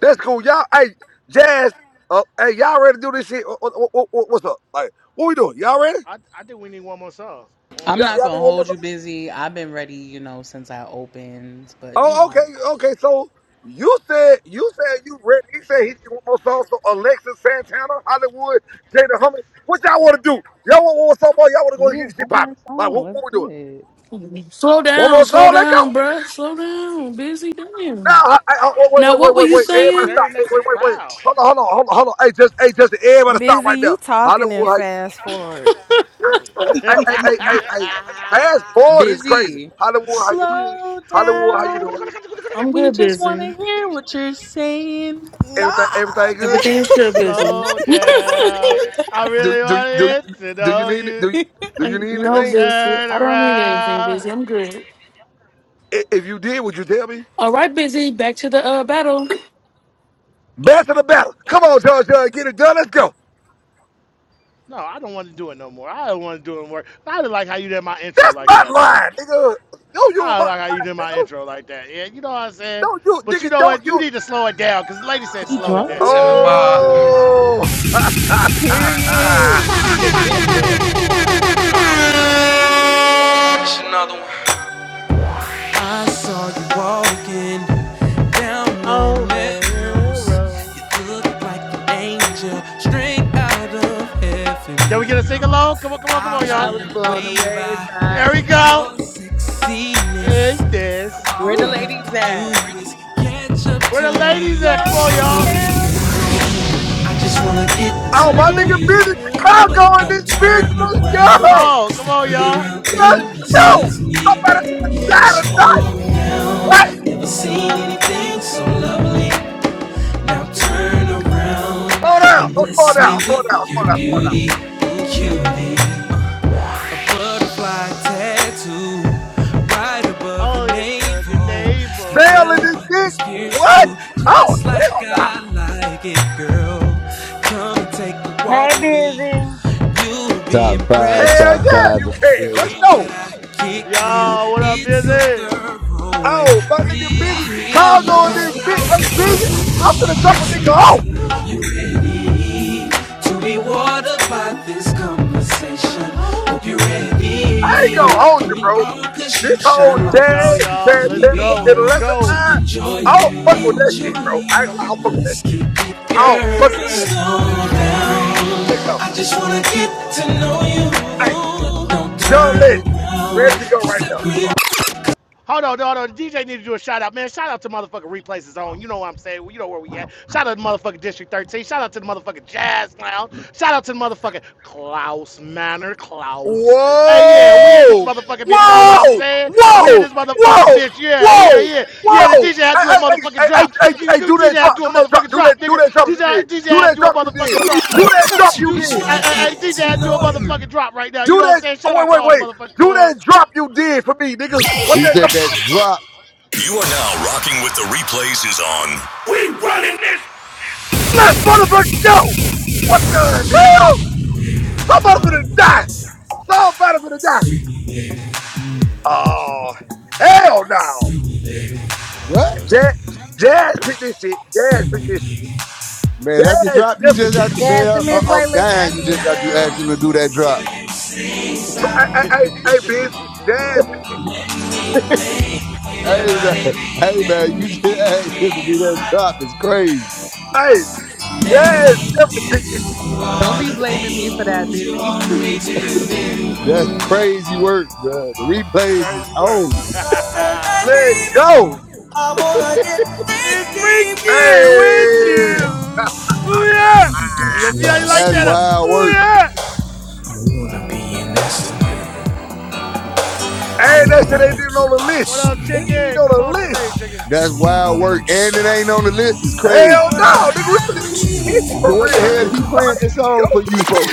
H: That's cool. Y'all, hey, Jazz, uh, hey, y'all ready to do this shit? What, what, what, what- what's up? Like, what we doing? Y'all ready?
E: I I think we need one more song. One more
A: I'm
H: Y'all,
A: not
H: y'all
E: song.
A: going
H: need
A: to
H: one more
A: hold
H: song?
A: you busy. I've been ready, you know, since I opened, but, you
H: Oh,
E: Mm.
H: okay,
A: know.
H: okay. So you said you said you ready. He said he need one more song. So Alexis Santana, Hollywood, Jada Humming. What y'all want to do? Y'all want one more song, boy? Y'all want to go and get
A: Yeah,
H: this shit
A: one more
H: popping? Like,
A: song.
H: what,
A: Let's
H: what we doing?
A: do
I: slow
H: One
I: down,
H: more
I: slow
H: song? Let go.
I: down, bruh. Slow down. Busy
H: Now,
I: damn.
H: I, I, I- wait,
I: Now
H: wait,
I: what
H: wait,
I: were
H: wait,
I: you
H: wait.
E: You gotta
H: Everybody
I: saying?
H: stop. Hey,
E: serenade the
H: wait, wait, wait.
E: crowd.
H: Hold on, hold on, hold on, hold on. Hey, just, hey, just, everybody stop
J: Busy,
H: right
J: you
H: now.
J: talking and
H: Hollywood,
J: fast forward. Like,
E: [LAUGHS]
H: Hey,
A: it.
H: hey,
A: [LAUGHS]
H: hey, hey, hey. Fast forward is crazy.
A: Busy.
H: Hollywood, how you doing?
A: Slow
H: Hollywood, how you doing?
A: down.
I: I'm
A: We
I: good
A: just want to
I: busy.
A: hear what you're saying.
H: Everything,
J: nah,
H: everything good?
I: Everything's still busy.
E: Slow
I: [LAUGHS]
E: down. I
H: Do
E: really
H: do do
E: wanted to
H: do you
E: know
H: need
E: you.
H: do do you
I: I'm
H: need
I: no
H: anything?
I: busy.
E: Turn
I: I don't need anything busy.
E: around.
I: I'm good.
H: I- If you did, would you tell me?
I: All right, busy. Back to the uh, battle.
H: Best of the battle. Come on, George, George, get it done. Let's go.
E: No, I don't want to do it no more. I don't want to do it no more. I didn't like how you did my intro
H: That's
E: like
H: my
E: that, man.
H: line, nigga. No, you
E: I didn't
H: about
E: like how you
H: line,
E: did my
H: nigga.
E: intro like that. Yeah, you know what I'm saying?
H: Don't you,
E: But you
H: nigga?
E: know
H: Don't
E: what? You
H: you?
E: need to slow it down because the lady said slow it
L: Well,
E: down.
H: Oh, [LAUGHS] oh,
A: Period.
F: I saw you walking down
E: Oh,
F: on
E: man,
F: Melrose.
E: Rose.
F: You look like an angel straight out of
E: Can we get
F: heaven,
E: a sing
F: girl.
E: along? Come on, come on, come
F: I
E: on,
F: was
A: I
E: y'all.
A: was
F: blown
A: blown
F: away
A: away
F: by
A: by
E: There we go.
F: your sexiness. Now
E: Agnes.
F: all
A: where the
F: I
E: Woo.
F: have
A: ladies
F: to
A: at.
F: do is catch up
E: Where
F: to
E: the ladies
F: you.
E: at? Come on,
A: Slow
E: y'all.
A: down.
F: I just wanna get
E: Just want
F: to
E: to
H: my
F: know
H: nigga,
E: get
F: you,
E: to
H: busy
E: you.
H: Chicago
F: but
H: in
F: don't
H: this bitch.
F: turn
H: Let's
E: Come
F: around.
H: go.
E: on,
F: 'cause
E: come
F: that
E: on,
F: pretty
E: y'all.
F: round
H: No!
F: thing
H: no!
F: scares me.
H: Somebody could have died
F: Slow
H: tonight. What?
F: down. Never seen anything so lovely. Now turn around
H: Slow down.
F: and
H: Oh, slow
F: bless me
H: down. Slow
F: with
H: down. Slow
F: your
H: down. Slow down.
F: beauty
H: Slow down.
F: and cutie butterfly tattoo right above your
E: Oh, your, uh, your
F: navel. You
E: neighbor.
H: Sailing
F: barely
H: this
F: beat my
H: dick?
F: spirits
H: What?
F: too,
H: Oh,
F: just like
H: hell
F: I
H: no.
F: like it, girl. Come and take a walk
K: Hey,
F: with me.
K: busy.
F: You'll be
N: Top five,
F: impressed
H: Hell
F: by
N: top
H: yeah,
N: five in
H: you
N: the
F: the
H: can.
N: building.
H: Let's
F: game
H: go.
F: that I kick to you.
E: Y'all, what up,
F: It's so
E: busy?
F: thorough and
H: Oh, my nigga busy
F: real. yeah.
H: Chicago and this bitch ain't busy. I'm gonna drop a nigga off.
F: to be watered by this conversation. Hope you're
H: I ain't
F: ready.
H: gonna hold you,
F: Holding
H: bro.
F: on cause you
H: This whole
F: shine
E: Here we
F: like the
E: go,
H: jazz,
F: sun.
E: y'all.
F: And
E: Let's
F: we
H: Santana,
F: be the
E: go,
H: and
E: let's
F: one
H: lesser
E: go.
F: to
H: mind,
F: enjoy
H: I don't
F: you.
H: fuck with that shit,
F: Enjoy
H: bro. I ain't gonna lie, I don't
F: you.
H: fuck with that
F: Let's
H: shit.
F: keep it,
H: I don't fuck
F: girl.
H: with that shit.
F: Slow down.
H: Let go.
F: I just wanna get to know you.
H: Hey.
F: But don't
H: John
F: turn
H: Legend, ready to
F: around.
H: go right now. Come on.
E: Hold on, hold on. The DJ need to do a shout out, man. Shout out to motherfucking Replays is on. You know what I'm saying? You know where we at. Shout out to motherfucking District 13. Shout out to the motherfucking Jazz Lounge. Shout out to the motherfucking Klaus Manor. Klaus. Hey, yeah, we in this
H: Whoa!
E: motherfucking bitch. You know what I'm
H: Whoa!
E: saying? We in
H: Whoa!
E: this motherfucking
H: Whoa!
E: bitch. Yeah, yeah,
H: Whoa!
E: yeah. Yeah, the
H: Whoa!
E: DJ had
H: I,
E: to do
H: I,
E: a motherfucking
H: I, I,
E: drop.
H: I,
E: You
H: I,
E: do
H: do
E: DJ
H: that
E: had
H: drop,
E: to do a
H: do that drop,
E: motherfucking
H: do
E: drop,
H: that, do
E: nigga.
H: that drop you
E: DJ,
H: did,
E: DJ
H: do
E: had to
H: that
E: do a
H: drop you did,
E: motherfucking drop.
H: do that drop you
E: Dude,
H: did,
E: I, I, DJ had to do a motherfucking drop right now. You
H: do
E: know what I'm
H: that.
E: saying?
H: Oh
E: Shout out
H: wait,
E: to
H: wait,
E: all the
H: wait,
E: motherfucking
H: do
E: clubs.
H: that drop you did for me, nigga. What
N: He
H: that
N: said
H: drop you
N: that
H: did
N: drop.
F: You are now rocking with the replays is on.
H: for me? Let's motherfucking go! What the hell? Somebody's gonna die. Somebody's gonna die. Oh hell no!
N: What?
H: Jazz, Jazz picked this shit. Jazz picked this shit.
N: Man, that's the
H: Jazz
N: drop you
H: definitely
N: just
H: picked
N: got.
H: this shit.
N: Man,
K: just a
N: I,
K: minute
N: I, am
K: playlist
N: dying. You
K: afterwards,
N: just got to
K: babe.
N: ask him to do that drop.
H: I I I I busy. Jazz
E: [LAUGHS]
H: picked this shit.
N: Hey, [LAUGHS] man. Hey, man. You just [LAUGHS] asked him to do that drop. It's crazy.
H: Hey, Jazz definitely picked this shit.
A: Don't be blaming me for that, busy.
N: That's crazy work, bro. The replays is
E: Crazy work.
N: on.
E: [LAUGHS] it's
H: Let go.
E: freaking with
H: Hey,
E: you. Ooh yeah.
F: Baby, don't
E: You
F: you
E: see how you like
N: That's
E: that? uh,
F: understand?
N: wild
E: Ooh
N: work.
F: I wanna be an
E: yeah.
F: astronaut.
H: hey,
F: I
H: that shit
F: wanna
H: ain't even
F: make you
H: on the
E: [LAUGHS]
F: pop
H: list.
E: what up,
H: He
F: scream.
H: ain't
E: chicken?
H: on
E: Come
H: the
E: on the
H: list.
E: stage, chicken.
N: That's
F: You
N: wild
F: want me
N: work.
F: to
N: And it
F: stop?
N: ain't on the list. It's crazy.
H: Hell no, nigga, we finna get busy
N: So
H: for
N: what the
H: real.
N: hell
H: Nigga, you
O: Yo.
N: he
H: know how
N: playing
H: this
N: this
H: shit
N: song
H: go.
N: for you for?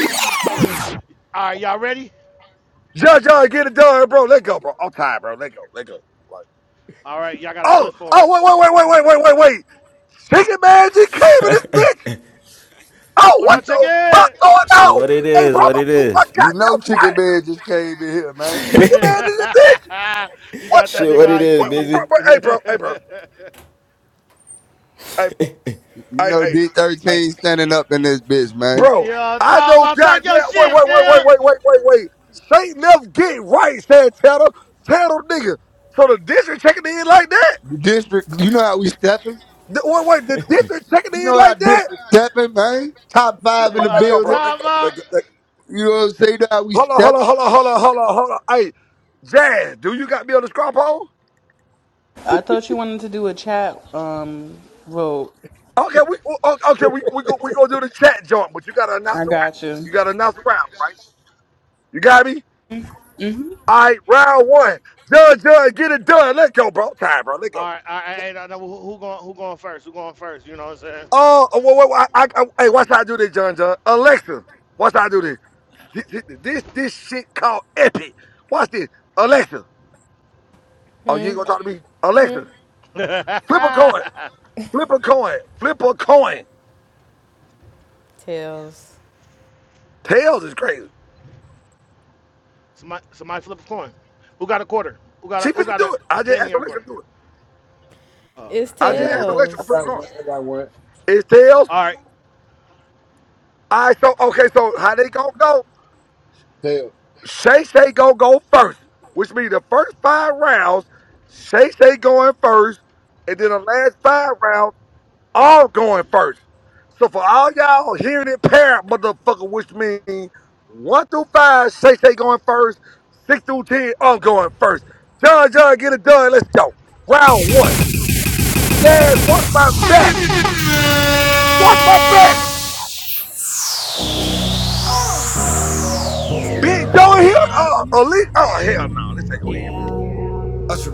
E: All right, y'all ready?
H: John, John, get it done, bro. Let go, bro. I'm tired, bro. Let go, let go. Like,
E: All right, y'all got to
H: oh,
E: flip for it.
H: oh, wait, wait, wait, wait, wait, wait, wait, wait. Chicken man just came in this bitch. Oh,
E: What
H: what
N: You
E: up, chicken? [LAUGHS]
H: the fuck going
O: Shit,
H: on?
O: what it
H: Hey,
O: is,
H: bro, I'm
O: what
H: about
O: it
H: to lose my
O: is.
N: you know
H: goddamn mind.
N: Chicken Man just came in here, man.
E: you
H: Pick a man in the bitch. What
E: got that
H: the?
O: Shit,
E: nigga
O: what it
E: hype,
O: is,
H: What,
E: chicken.
H: bro,
O: busy?
H: bro, hey, bro, hey, bro,
E: [LAUGHS]
H: hey, bro,
N: You
H: hey,
N: know
H: hey, hey,
N: D13 standing up in this bitch, man.
H: bro.
E: yeah,
H: I
E: talk
H: know
E: about talk your
H: goddamn. Wait,
E: shit,
H: wait, wait, wait,
E: nigga.
H: wait, wait, wait, wait. Straight left, get right, said Tanner. Tanner, nigga. So the district checking in like that?
N: District, you know how we stepping?
H: The, wait, wait, the district checking
N: You
H: in
N: know how
H: like that?
N: district stepping, man? Top five
H: Bro,
N: in the
H: let
E: Yeah,
H: go,
N: building.
H: bro, let
E: talk
H: go.
E: about.
H: Let go let,
N: You know what I'm saying? You know how we
H: go. hold on, hold
N: stepping?
H: on, hold on, hold on, hold on, hold on. Hey, Jazz, do you got me on the straw pole?
A: I thought you wanted to do a chat um vote.
H: Okay, we o- okay we we go we gonna do the chat joint, but you gotta announce
A: I
H: the round.
A: got you.
H: You gotta announce the round, right? You got me?
A: hmm
H: All right, round one. Judge, judge, get it done. Let go, bro. Time, bro. Let go.
E: All right, all right, all right, all right, who, who going? Who going first? Who going first? You know what I'm saying?
H: Oh, uh, wait, wait, wait, I, I, hey, watch how I do this, John, John. Alexa, watch how I do this. This this, this shit called epic. Watch this, Alexa. Oh, you ain't gonna talk to me, Alexa.
E: [LAUGHS] somebody,
H: Flip a coin. Flip a coin. Flip a coin.
J: [LAUGHS] tails.
H: Tails is crazy.
E: somebody flip a coin. Who got a quarter? Who got a
H: She
E: who
H: finna
E: got a,
H: do it.
E: a
H: I just
E: penny
H: asked
E: or a
H: Alexa
E: quarter?
H: to do it.
E: Oh, okay.
J: It's
H: I
N: I
H: just
N: got
H: asked
N: one.
H: Alexa
N: I
H: to flip
J: tails.
H: a
N: got
H: coin.
N: one. I got one.
H: It's tails.
E: All right,
H: All right, so okay, so how they gonna go?
N: Tell.
H: Shay Shay gonna go first, which means the first five rounds, Shay Shay going first, and then the last five rounds all going first. So for all y'all hearing it, parent motherfucker, which means one through five, Shay Shay going first, six through ten, I'm going first. John John, get it done. Let's go. Round one. Jazz, watch my back. Watch my back. Bitch, Joe in here.
F: Yeah,
H: Uh, elite. Oh hell no, this ain't gonna end well.
F: yeah,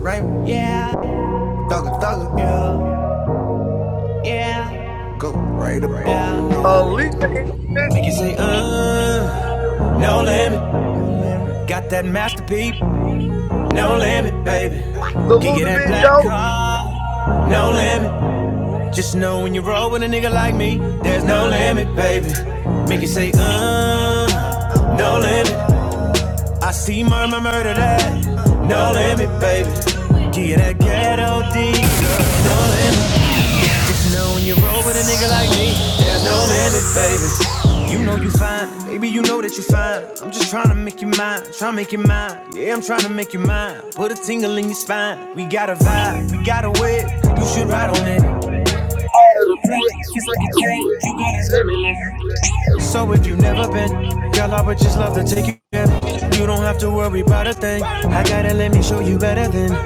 F: right? Yeah, yeah, yeah, yeah.
H: Alicia in this bitch. Salute the bitch,
F: Come-
H: Joe.
F: No limit, baby. Get that ghetto D. You know when you roll with a nigga like me, there's no limit, baby. You know you fine, baby. You know that you fine. I'm just tryna make you mine, tryna make you mine. Yeah, I'm tryna make you mine. Put a tingle in your spine. We got a vibe, we got a whip. You should ride on it. So if you have never been, girl, I would just love to take you there. You don't have to worry about a thing. I gotta let me show you better than.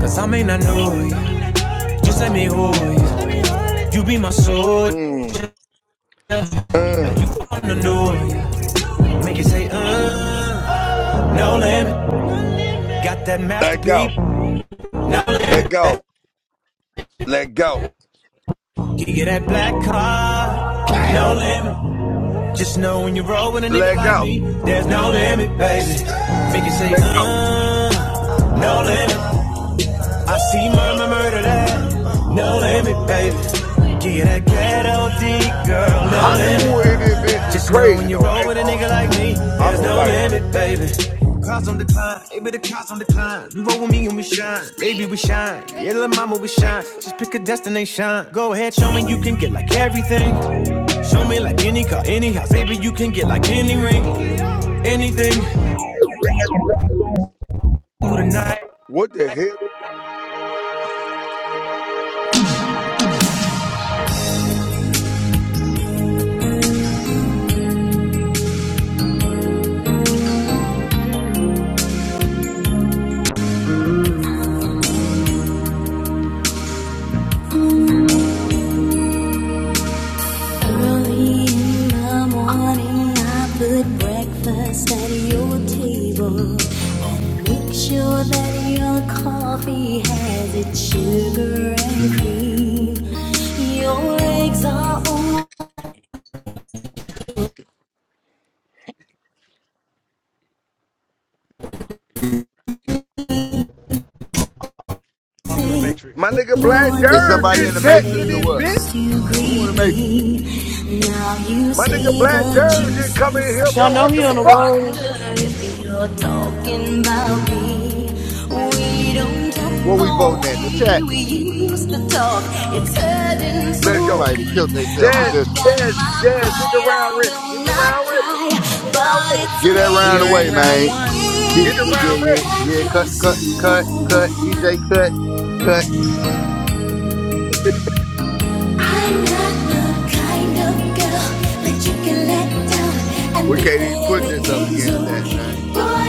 F: Cause I may not know you. Just let me hold you. You be my soldier.
H: Mm.
F: Make
H: Mm.
F: you wanna know you. Make you say, uh, no limit. Got that
H: Let
F: masterpiece.
H: go.
F: No limit.
H: Let go. Let go.
F: Give you that black car. No limit.
H: Let go. Let go. Hollywood in this bitch is crazy though. I ain't gonna hold you. I'm excited. What the hell? is-
F: Early in the morning, I put breakfast at your table. Make Sure that your coffee has its sugar and cream. Your eggs are all
E: I'm through the
F: the
H: My
E: matrix.
H: nigga Black
N: Is
H: Jerry
F: morning
N: somebody in
H: just
N: the
F: kiss
H: checked
F: that
H: in
N: Matrix or
H: this
N: what?
H: bitch.
F: used to
N: Who in
F: greet
N: the Matrix?
F: me. Now you
H: My nigga
F: see
H: Black
F: the
H: Jerry just come in here,
F: juices.
I: Y'all
H: bro.
I: know
H: What
I: he
H: the
I: on the
H: fuck?
F: I
I: road.
F: wonder if you're talking about me. We don't
N: What we
F: talk
N: voting at in
F: the
N: the
F: way
N: chat?
F: we used to talk. It's hurting
H: Let's go.
F: so
N: Somebody that killed themselves with
H: Jazz,
N: this
F: I've
N: one.
F: got
H: jazz,
F: my
H: jazz, get the
F: pride,
H: round
F: I
H: ready.
F: will
H: Get the
F: not
H: round ready.
F: cry,
H: Get the round
F: but
H: ready.
F: it's
N: Get that
A: We
N: round
A: are
F: making
N: away,
A: in
F: me
A: round
N: man.
A: one.
N: Get,
H: Get the
N: get,
F: weak.
N: yeah,
H: round ready.
N: yeah,
F: I'm not
N: yeah.
F: your
N: Cut, cut, cut, cut. DJ,
F: superwoman.
N: cut, cut.
F: I'm not the kind of girl that you can let down and
N: We can't
F: pretend
N: even put this up
F: everything's
N: against that,
F: okay.
N: man.
F: Boy, I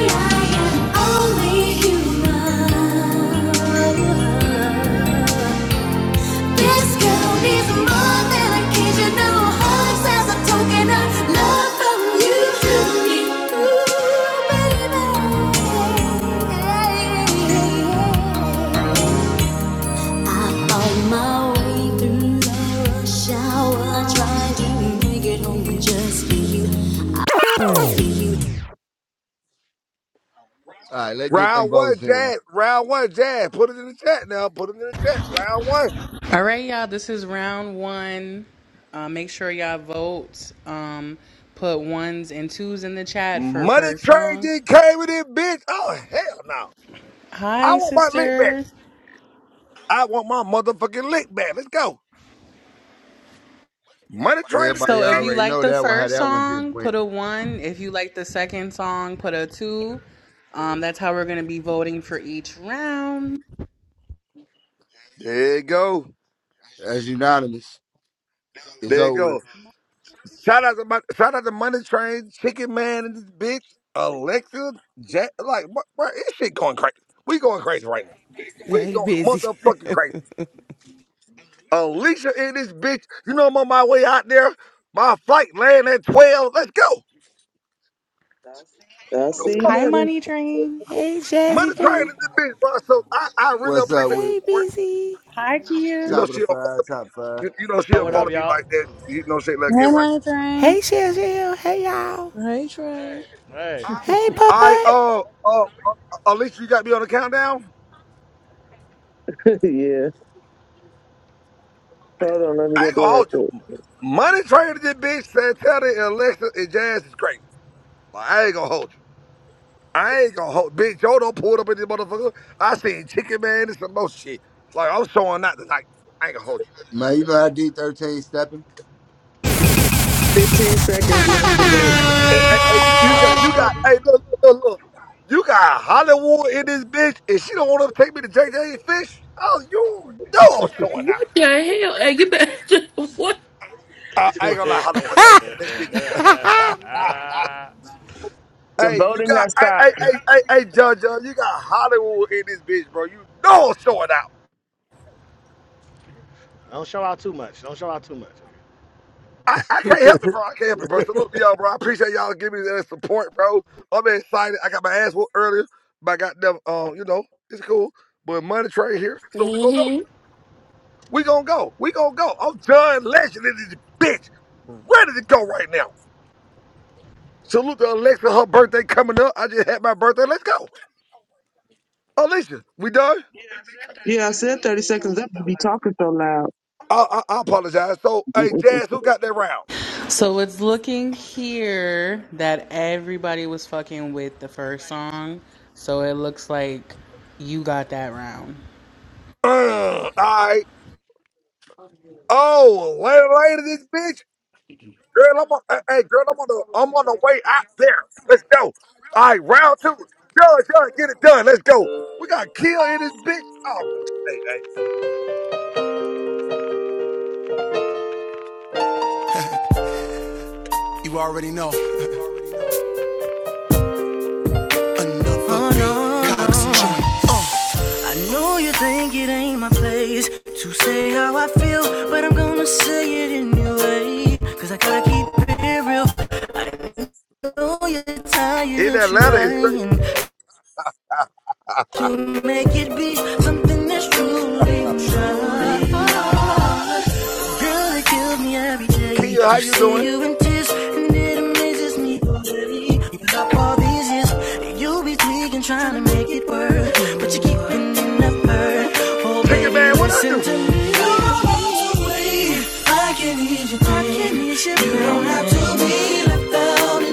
F: am only human. This girl needs more than occasional hugs as a token of love from you. baby. I found my way through the rush hour. I to make it home just for you.
N: All right, let's get them
H: Round one,
N: votes in.
H: Jazz. Round one, Jazz. Put it in the chat now. Put it in the chat. Round one.
A: All right, y'all. This is round one. Uh, make sure y'all vote. Um, put ones and twos in the chat for
H: Money
A: per
H: Train
A: song.
H: just came with it, bitch. Oh, hell no. I
A: Hi,
H: want my lick back.
A: sister.
H: I want my motherfucking lick back. Let's go. Money Train in
A: So
N: Everybody
H: this
A: if
H: bitch.
A: you
N: already
A: like
N: know
A: the
N: that one. How
A: first
N: that one just
A: song,
N: went.
A: put a one. If you like the second song, put a two. Um, that's how we're gonna be voting for each round.
H: There you go.
N: As unanimous is
H: There you
N: over.
H: go. Shout out to my, shout out to Money Train, Chicken Man and this bitch, Alexa, Jack. Like, bro, bro, this shit going crazy. We going crazy right now. We
P: Hey,
H: going
P: busy. [LAUGHS]
H: motherfucking crazy. Alicia in this bitch. You know I'm on my way out there. My flight land at 12. Let's go.
Q: I'll
H: Yo,
Q: see you
H: fuck
A: Hi,
Q: later.
A: Money Train.
P: hey,
H: out. Mother
P: Jazzy
H: train
P: Boo.
H: is this bitch, bro. So I, I really
N: What's up
H: appreciate the
N: with it?
P: Hey,
H: support.
P: busy.
A: Hi,
H: You
A: Kia.
H: know
N: Top of the
H: she don't follow
N: five,
H: me.
N: top five.
H: You, you know she
E: Oh,
H: don't
E: What
H: follow
E: up,
N: Hey.
H: me
E: y'all?
H: like that. You know she ain't let it get
K: Hey,
H: right.
K: money train.
P: Hey, Shell Shell. Hey, y'all.
L: Hey, Trey.
E: Hey.
P: Hey,
H: I
P: Puppet.
H: uh uh uh, uh, Alicia, you got me on the countdown?
Q: [LAUGHS] yeah. Hold on, let me
H: I
Q: go
H: ain't
Q: do
H: gonna
Q: it right
H: hold you.
Q: quick.
H: Money train to this bitch, Santana and Alexa and Jazz is crazy. Like, I ain't gonna hold you. I ain't gonna hold bitch. Y'all don't pull up in this motherfucker. I seen chicken man and some more shit. Like I'm showing out tonight. I ain't gonna hold you.
N: [LAUGHS] Man, you know how D thirteen stepping?
Q: 15 seconds left to vote.
H: Hey,
N: You know
H: you
N: how we
H: got, you got,
N: stepping?
H: hey, look, look, look, look. You got Hollywood in this bitch, and she don't want to take me to JJ Fish. Oh, you know I'm showing out.
I: What the hell? Hey, you better [LAUGHS] what?
H: Uh,
E: [LAUGHS]
H: I ain't
E: Don't
H: gonna lie, Hollywood. Hey, [LAUGHS] that shit is.
P: [LAUGHS]
H: [LAUGHS]
Q: The
H: hey, you
Q: voting
H: got,
Q: has
H: hey, hey,
Q: stopped.
H: hey, hey, hey, Judge, you got Hollywood in this bitch, bro. You know I'm showing out.
E: show out too much. Don't show out too much.
H: I, I can't help it, bro. I can't help it, bro. So look, y'all, bro. I appreciate y'all giving me that support, bro. I'm excited. I got my ass whooped earlier, but I got them. Um, you know, it's cool. But money train here, so we gonna go.
I: hmm
H: We gonna go. We gonna go. I'm done lashing in this bitch. Ready to go right now. Salute to Alexa. Her birthday coming up. I just had my birthday. Let's go. Alicia, we done?
Q: Yeah, I said 30 seconds left to be talking so loud.
H: I, I, I apologize. So, hey,
Q: [LAUGHS]
H: Jazz, who got that round?
A: So it's looking here that everybody was fucking with the first song. So it looks like you got that round.
H: Uh, all right. Oh, later, later, this bitch. Girl, I'm on. Hey, hey, girl, I'm on the. I'm on the way out there. Let's go. All right, round two. Judge, judge, get it done. Let's go. We got Kill in this bitch. Oh, hey, hey.
F: I know you think it ain't my place to say how I feel, but I'm gonna say it anyway, 'cause I gotta keep it real. know you're tired
H: In
F: of
H: Atlanta, it's crazy.
F: trying
H: Uh,
F: to make it be something that's truly mine. Girl, it kills me every day
H: Kia,
F: to
H: how you
F: see
H: doing?
F: you in tears, and it amazes me already. After all these years, and you be tweaking trying to make it work, but you keep ending up hurt. Oh,
H: Chicken
F: baby,
H: man, what I
F: listen
H: do?
F: to me. Don't walk away. I can ease your pain. You don't have to be left out in the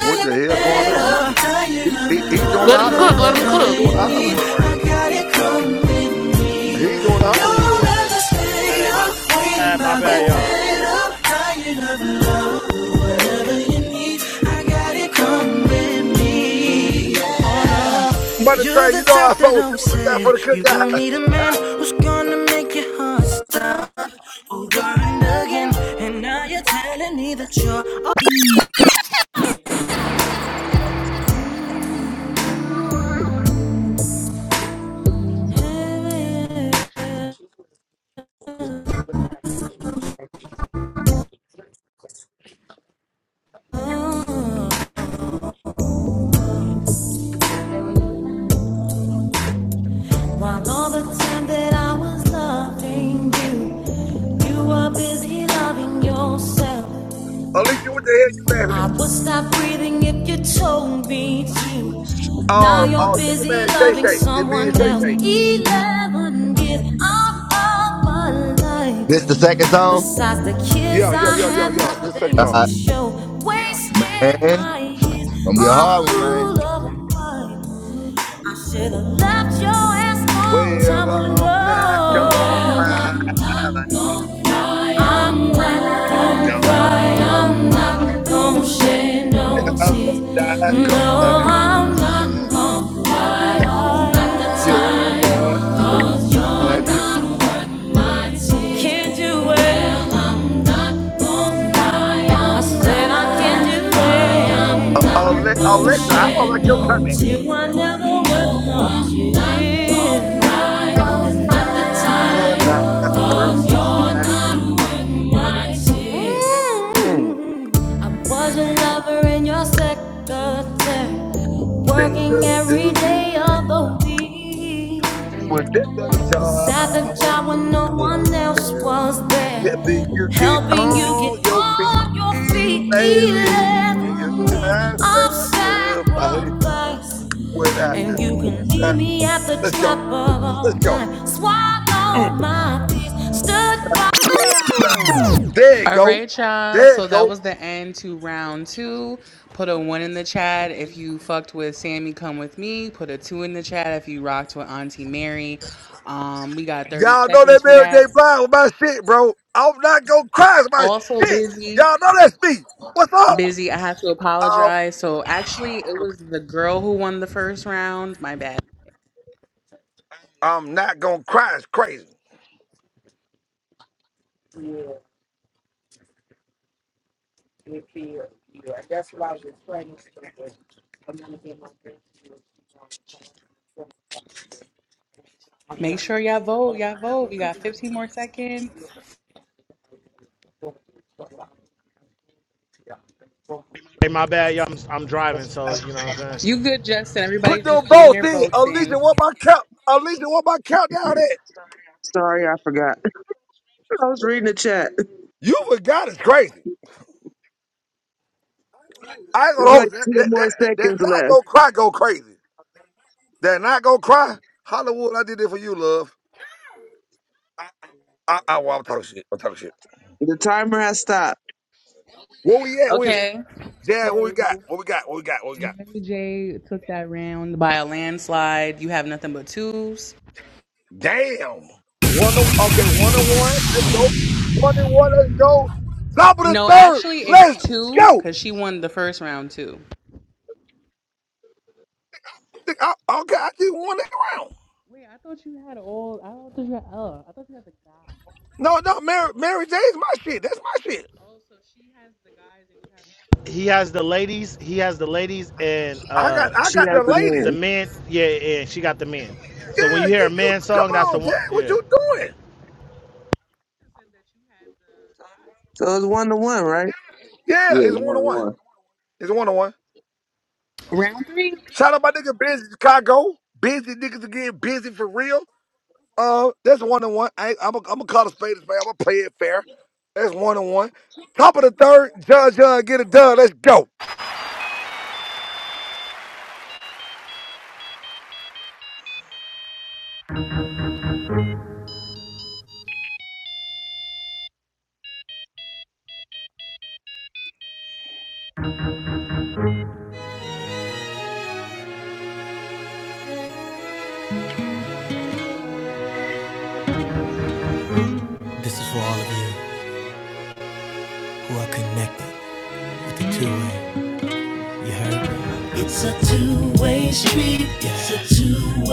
H: What the hell going on? He
F: Tired
H: he
F: of
H: he, he doing
I: Let
F: love,
I: him cook.
H: Hollywood.
I: Let
F: love,
I: him
F: love
H: He
I: cook.
F: you
H: doing
F: need.
H: Hollywood right
F: I
H: now.
F: got it coming me.
H: He doing Hollywood
F: Don't
H: right now.
F: ever stay
E: Hey, my
F: up, waiting
E: bad,
F: by
E: my
F: the
E: bad, y'all.
F: bed up. Tired of love, whatever you need. I got it coming me. Yeah.
H: By the
F: You're
H: train,
F: the
H: you know I
F: type that
H: fought with
F: always
H: you. Look out
F: said
H: for the
F: you don't
H: cookout.
F: need a man who's gonna make your heart stop over and again. And now you're telling me that you're okay. While all the time that I was loving you, you were busy loving yourself.
H: [LAUGHS] Alicia, what the hell you laughing
F: I
H: at?
F: would stop breathing if you told me to.
H: Sh-
F: Now
H: Uh,
F: you're
H: uh, Chicken
F: busy
H: Man, Shay
F: loving
H: Shay. It's me
F: someone
H: and Shay
F: else.
H: Shay.
F: Eleven years off of my
N: This
F: life.
N: the second song?
F: Besides the kids,
H: Yo, yo,
F: I
H: yo, yo,
F: had
H: yo. This second
F: nothing
H: song.
F: to
N: Uh
F: show. Wasted
N: man.
F: my years,
N: Gonna be a
F: all
N: hard one, man.
F: full of pride. I should have left your ass long
H: Well,
F: time ago.
H: I'm not gonna
F: Well, I'm
H: cry. I'm not
F: I'm not gonna cry, I'm not gonna shed no
H: gonna.
F: tears.
H: I'm not
F: No,
H: gonna
F: I'm not
H: cry.
F: gonna cry, all the
H: You're not worth
F: time. you
H: my
F: you're
H: dream.
F: not worth my tears. Can't do it. I said I can't do it. I'm
H: Uh, Ale-
F: not gonna
H: Alexa, I don't
F: share
H: like your
F: no
H: comment.
F: tears. I never would want to cry. It's not the
H: You're
F: time.
H: not worth
F: 'Cause
H: my
F: you're
H: dream.
F: not worth my
H: Mm.
F: tears. I was a lover in your secretary,
H: They
F: working
H: are
F: every day of
H: doing
F: the week.
H: with their job.
F: That's
H: I
F: a
H: was
F: job when no
H: gonna
F: one else
H: tell.
F: was
H: Happy
F: there,
H: you get
F: helping you get
H: on your feet.
F: on your
H: Eat
F: feet.
H: baby yes,
F: Eleven years
H: I
F: of
H: sacrifice
F: sacrifice,
H: without the
F: and you can
H: uh,
F: leave me at the
H: Let's
F: drop
H: go.
F: of
H: Let's
F: a
H: go.
F: dime. Swallow my fears, stood
H: You're
F: by. [LAUGHS]
H: not- There you
A: All
H: go.
A: right, y'all.
H: There you
A: So
H: go.
A: that was the end to round two. Put a one in the chat if you fucked with Sammy. Come with me. Put a two in the chat if you rocked with Auntie Mary. Um, we got 30
H: Y'all know
A: seconds
H: that
A: for
H: Mary
A: that.
H: J. Blige with my shit, bro. I'm not gonna cry. It's my
A: Also
H: shit.
A: busy.
H: Y'all know that's me. What's up?
A: Busy. I have to
H: Um,
A: apologize. So actually, it was the girl who won the first round. My bad.
H: I'm not gonna cry. It's crazy.
A: Make sure y'all vote. Y'all vote. We got 15 more seconds.
E: Hey, my bad, y'all. I'm, I'm driving, so you know what I'm saying.
A: You good, Justin.
H: Put
A: Everybody's just
H: them
A: getting
H: votes
A: their
H: in.
A: votes in.
H: Alicia, what my count? Alicia, what my countdown at?
Q: Sorry, I forgot. [LAUGHS] I was reading the chat.
H: You forgot it's crazy. I ain't gonna
Q: It's like
H: hold you. that.
Q: 10
H: That
Q: more
H: that that, that
Q: seconds
H: not
Q: left.
H: gonna cry. Go crazy. That not gonna cry. Hollywood, I did it for you, love. I, I, well, I'm talking shit. I'm talking shit.
Q: The timer has stopped.
H: Where we at with it?
A: Okay.
H: Jazz, what we
A: So
H: got? What we got? What we got? What we got?
A: Mary J took that round by a landslide. You have nothing but twos.
H: Damn. One on okay, one and one. Let's go. One and one, let's go. Top of the
A: No,
H: third.
A: actually, it's
H: Let's
A: two
H: go.
A: because she won the first round too.
H: Think I- okay, I just won that round.
A: Wait, I thought you had all. I thought you had. Oh, I thought you had the guy.
H: No, no, Mary Mary J's my shit. That's my shit.
A: Oh, so she has the guys and you
E: He has the ladies. He has the ladies and
H: I
E: uh
H: got I
Q: She
H: got
Q: has
H: the
Q: the
H: latest.
E: the
Q: mirror.
E: men. Yeah, and yeah, she got the men. So when
H: Yeah,
E: you hear a
H: you you
E: man
H: come
E: song, that's the
H: on, Jay.
E: one.
H: What
E: Yeah.
H: you doing?
Q: So it's one to one, right?
H: Yeah,
N: Yeah,
H: it's one on
N: one
H: one.
N: one
H: It's one on one.
A: have round three.
H: Shout out my nigga Busy Chicago. Busy niggas again, busy for real. Uh, that's one and one. I, I'm I'm gonna call a spade a spade. I'm gonna play it fair. That's one and one. Top of the third, Judge John, get it done. Let's go.
F: It's a two-way street. It's a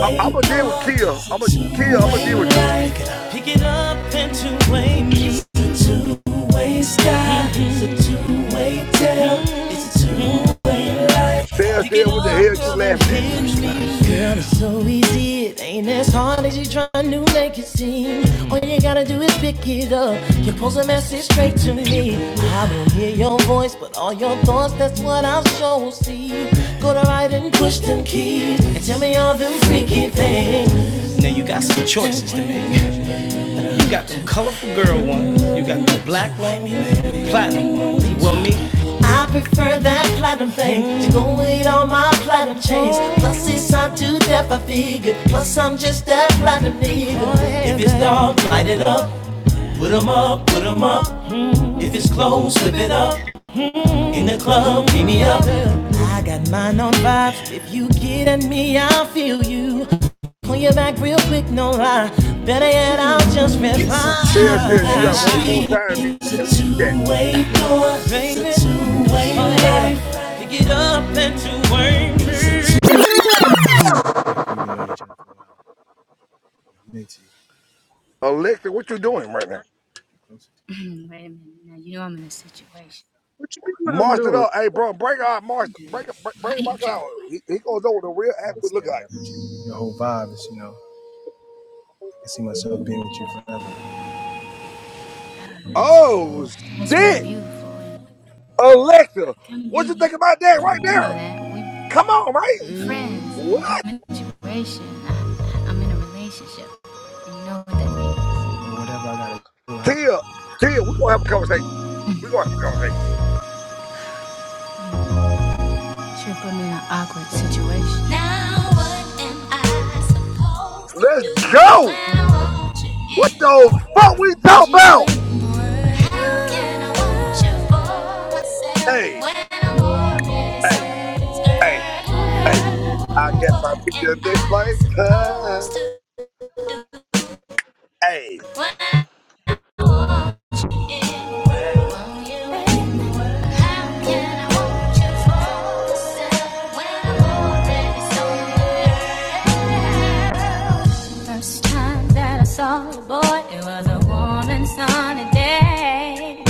H: I, I'm gonna deal with
F: door.
H: Kia. I'm
F: It's
H: gonna
F: a
H: Kia. I'm gonna
F: two-way
H: deal with you.
F: light. Pick it up and two-way me. It's a two-way sky. It's a two-way tail. It's a two-way light.
H: Shell,
F: Pick it
H: shell, what the
F: up,
H: hell you
F: girl, and
H: laughing at?
F: hit me. Girl, it's so easy. It ain't as hard as you try to make it seem. All you gotta do is pick it up. You post a message straight to me. I will hear your voice, but all your thoughts, that's what I'll show see. Go to right and push them keys. And tell me all them freaky things. I prefer that platinum thing to go with all my platinum chains. Plus, it's hard to death, I figure. Plus, I'm just that platinum nigga. If it's dark, light it up. Put 'em up, put 'em up. If it's close, slip it up. In the club, beat me up. I got mine on five. If you get at me, I'll feel you. Pull you back real quick, no lie. Better yet, I'll just reply. It's a
H: Shell,
F: two-way
H: shell, you got one more
F: street,
H: time. You
F: It's a
H: laughing at the chat.
F: two-way door. Baby, It's a two-way oh life. Pick it up and to It's a work.
H: Alexa, what you doing right now?
F: Hmm, Wait a minute. Now you know I'm in a situation.
Q: What you mean what I'm
H: Marsh it
Q: doing?
H: up, hey bro. Break out, Marsh.
F: Don't do this.
H: Break up. Break
F: [LAUGHS] Why
H: break
F: you
H: Mark out.
F: tripping?
H: He, he gonna know what the real athlete look like.
F: That's,
H: Oh
F: that's really
H: shit,
F: beautiful.
H: Alexa, what you think about that right
F: You know
H: there?
F: that.
H: Come on, right?
F: Yeah,
J: Mm-hmm.
H: What?
F: I'm in a relationship.
H: Tia, Tia, we're gonna have a conversation. We're gonna have a conversation.
F: Now what am I supposed to
H: Let's
F: do when
H: go.
F: I want you
H: What the fuck we
F: and
H: talk
F: you
H: about?
F: ain't How can I want you for myself
H: Hey,
F: when I'm already
H: hey,
F: someone's
H: hey,
F: girl?
H: hey. I guess I'll
F: What
H: see
F: am
H: you
F: I
H: next lifetime.
F: supposed to do
H: Hey.
F: when I want you in the world? Want you in How can I want you for myself when I'm already someone's girl? First time that I saw a boy, it was a warm and sunny day.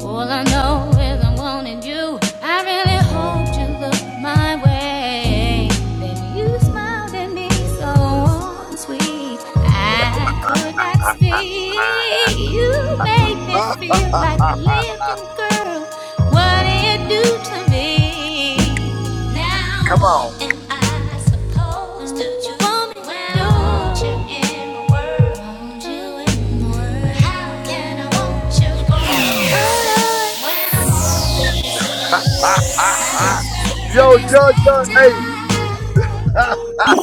F: All I know is i wanted you. I really hoped you looked my way. Then you smiled at me so warm and sweet. I could not
H: ah.
F: speak. You made me feel like a
H: [LAUGHS]
F: living girl. What it do
H: Come on. [LAUGHS] Yo, Judge, Judge, hey. [LAUGHS]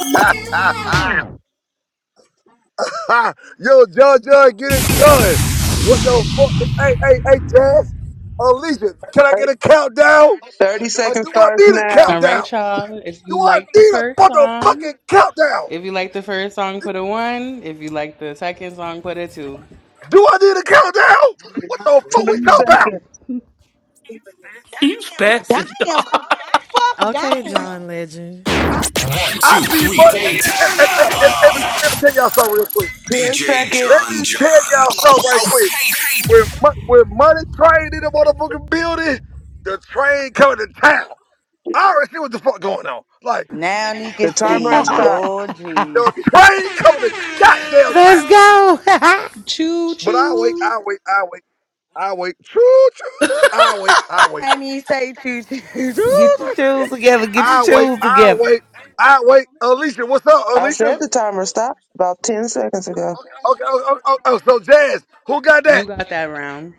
H: Yo, Judge, Judge, get it done. What the fuck? Hey, hey, hey, Taz. Alicia, can I get
Q: Right.
H: a countdown?
Q: 30
H: Or
Q: seconds
H: do I
Q: starts
H: need a
Q: now.
A: All
H: countdown?
A: right, y'all. If
H: Do
A: you
H: I
A: like the
H: need a
A: first song,
H: motherfucking countdown?
A: If you like the first song, put a one. If you like the second song, put a two.
H: Do I need a countdown?
A: I mean,
H: What
A: not
H: the fuck we
Q: 20
H: talking about?
A: really,
Q: seconds.
A: [LAUGHS]
I: [LAUGHS] He's
R: Damn,
I: passing.
R: calm
I: dog.
R: the fuck
J: Okay,
R: down.
J: John Legend.
H: I see money. And, and, and,
F: Turn
H: and, and,
F: up!
H: and, let me tell y'all something real quick.
Q: 10
F: DJ
Q: seconds.
H: Let
F: John
H: me tell
F: John.
H: y'all something right quick.
F: Okay, hey.
H: When, mon- when money train in the motherfucking building, the train coming to town. I already see what the fuck going on. Like,
R: Now you can
Q: The timer has
R: see,
Q: stopped.
R: Lord Jesus.
H: the train coming to goddamn town.
P: Let's go. [LAUGHS] get
A: but choo
H: But I wait,
A: choo.
H: I wait, I wait, I wait. Choo choo. I wait, I wait.
R: Can't even say choo choo.
P: your shoes together. Get your
H: I wait,
P: shoes
H: I
P: together.
H: wait, I wait. Alicia, what's up,
Q: I
H: Alicia?
Q: said the timer stopped about 10 seconds ago.
H: Okay, oh, oh, oh, oh, so Jazz, who got
A: You
H: that?
A: got that round.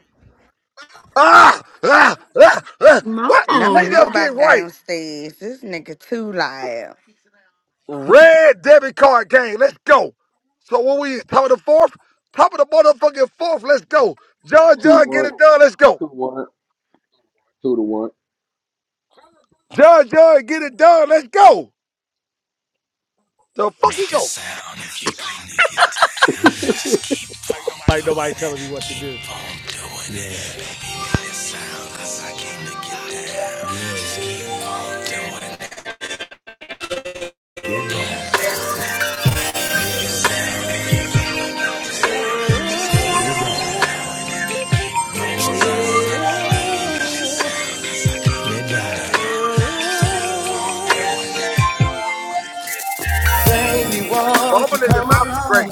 H: Ah, ah, ah, ah.
I: No,
H: What?
R: Let me
H: Shake
R: go
H: left, get
R: back
H: right.
R: downstairs. This nigga too loud.
H: Red debit card game. Let's go. So what we top of the fourth? Top of the motherfucking fourth. Let's go. John,
N: two
H: John, get
N: one
H: it done. Let's go.
N: two one two to one. to one.
H: John, John, get it done. Let's go. The fuck he
F: Make a
H: go?
F: sound if you're gonna get down. Just keep.
E: like nobody telling me what to do.
F: playing. me One.
H: Bumping in the mouth is great.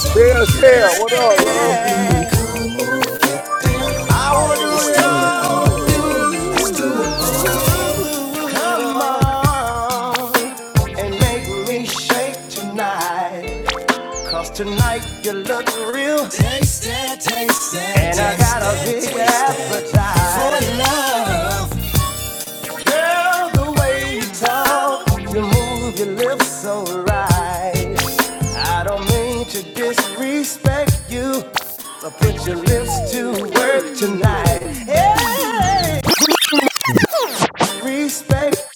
H: Shell, shell. What up, love?
F: Hey, respect.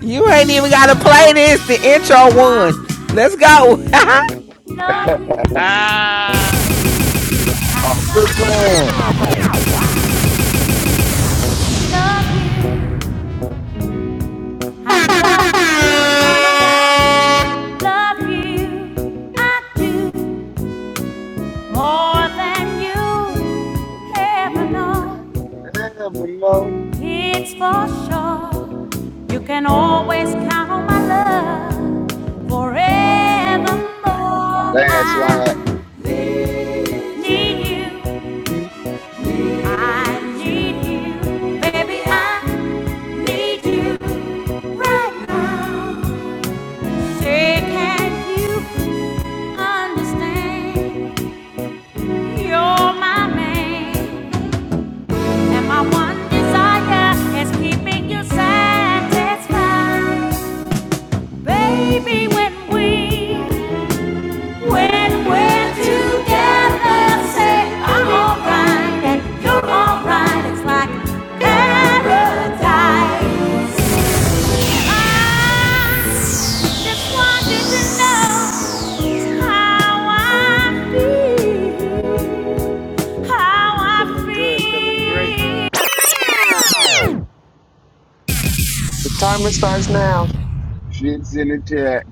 P: You ain't even got to play this. The intro one. Let's go. [LAUGHS]
E: Ah,
N: Oh, quit playing.
F: Love you more than you ever
N: Yeah.
F: know.
N: Damn, we know.
F: It's for sure. You can always count on my love forevermore.
N: Oh, yeah.
F: I
N: Landslide.
F: need you.
N: Hmm.
F: I need you. Baby, I need you right now. Say, can you understand? You're my man. And my one desire is keeping you satisfied. Baby, when we, when we're together, say I'm alright and you're alright. It's like paradise. I just wanted to know how I feel, how I
E: feeling good, feeling great.
F: feel.
Q: The timer starts now.
N: Shit's in the chat.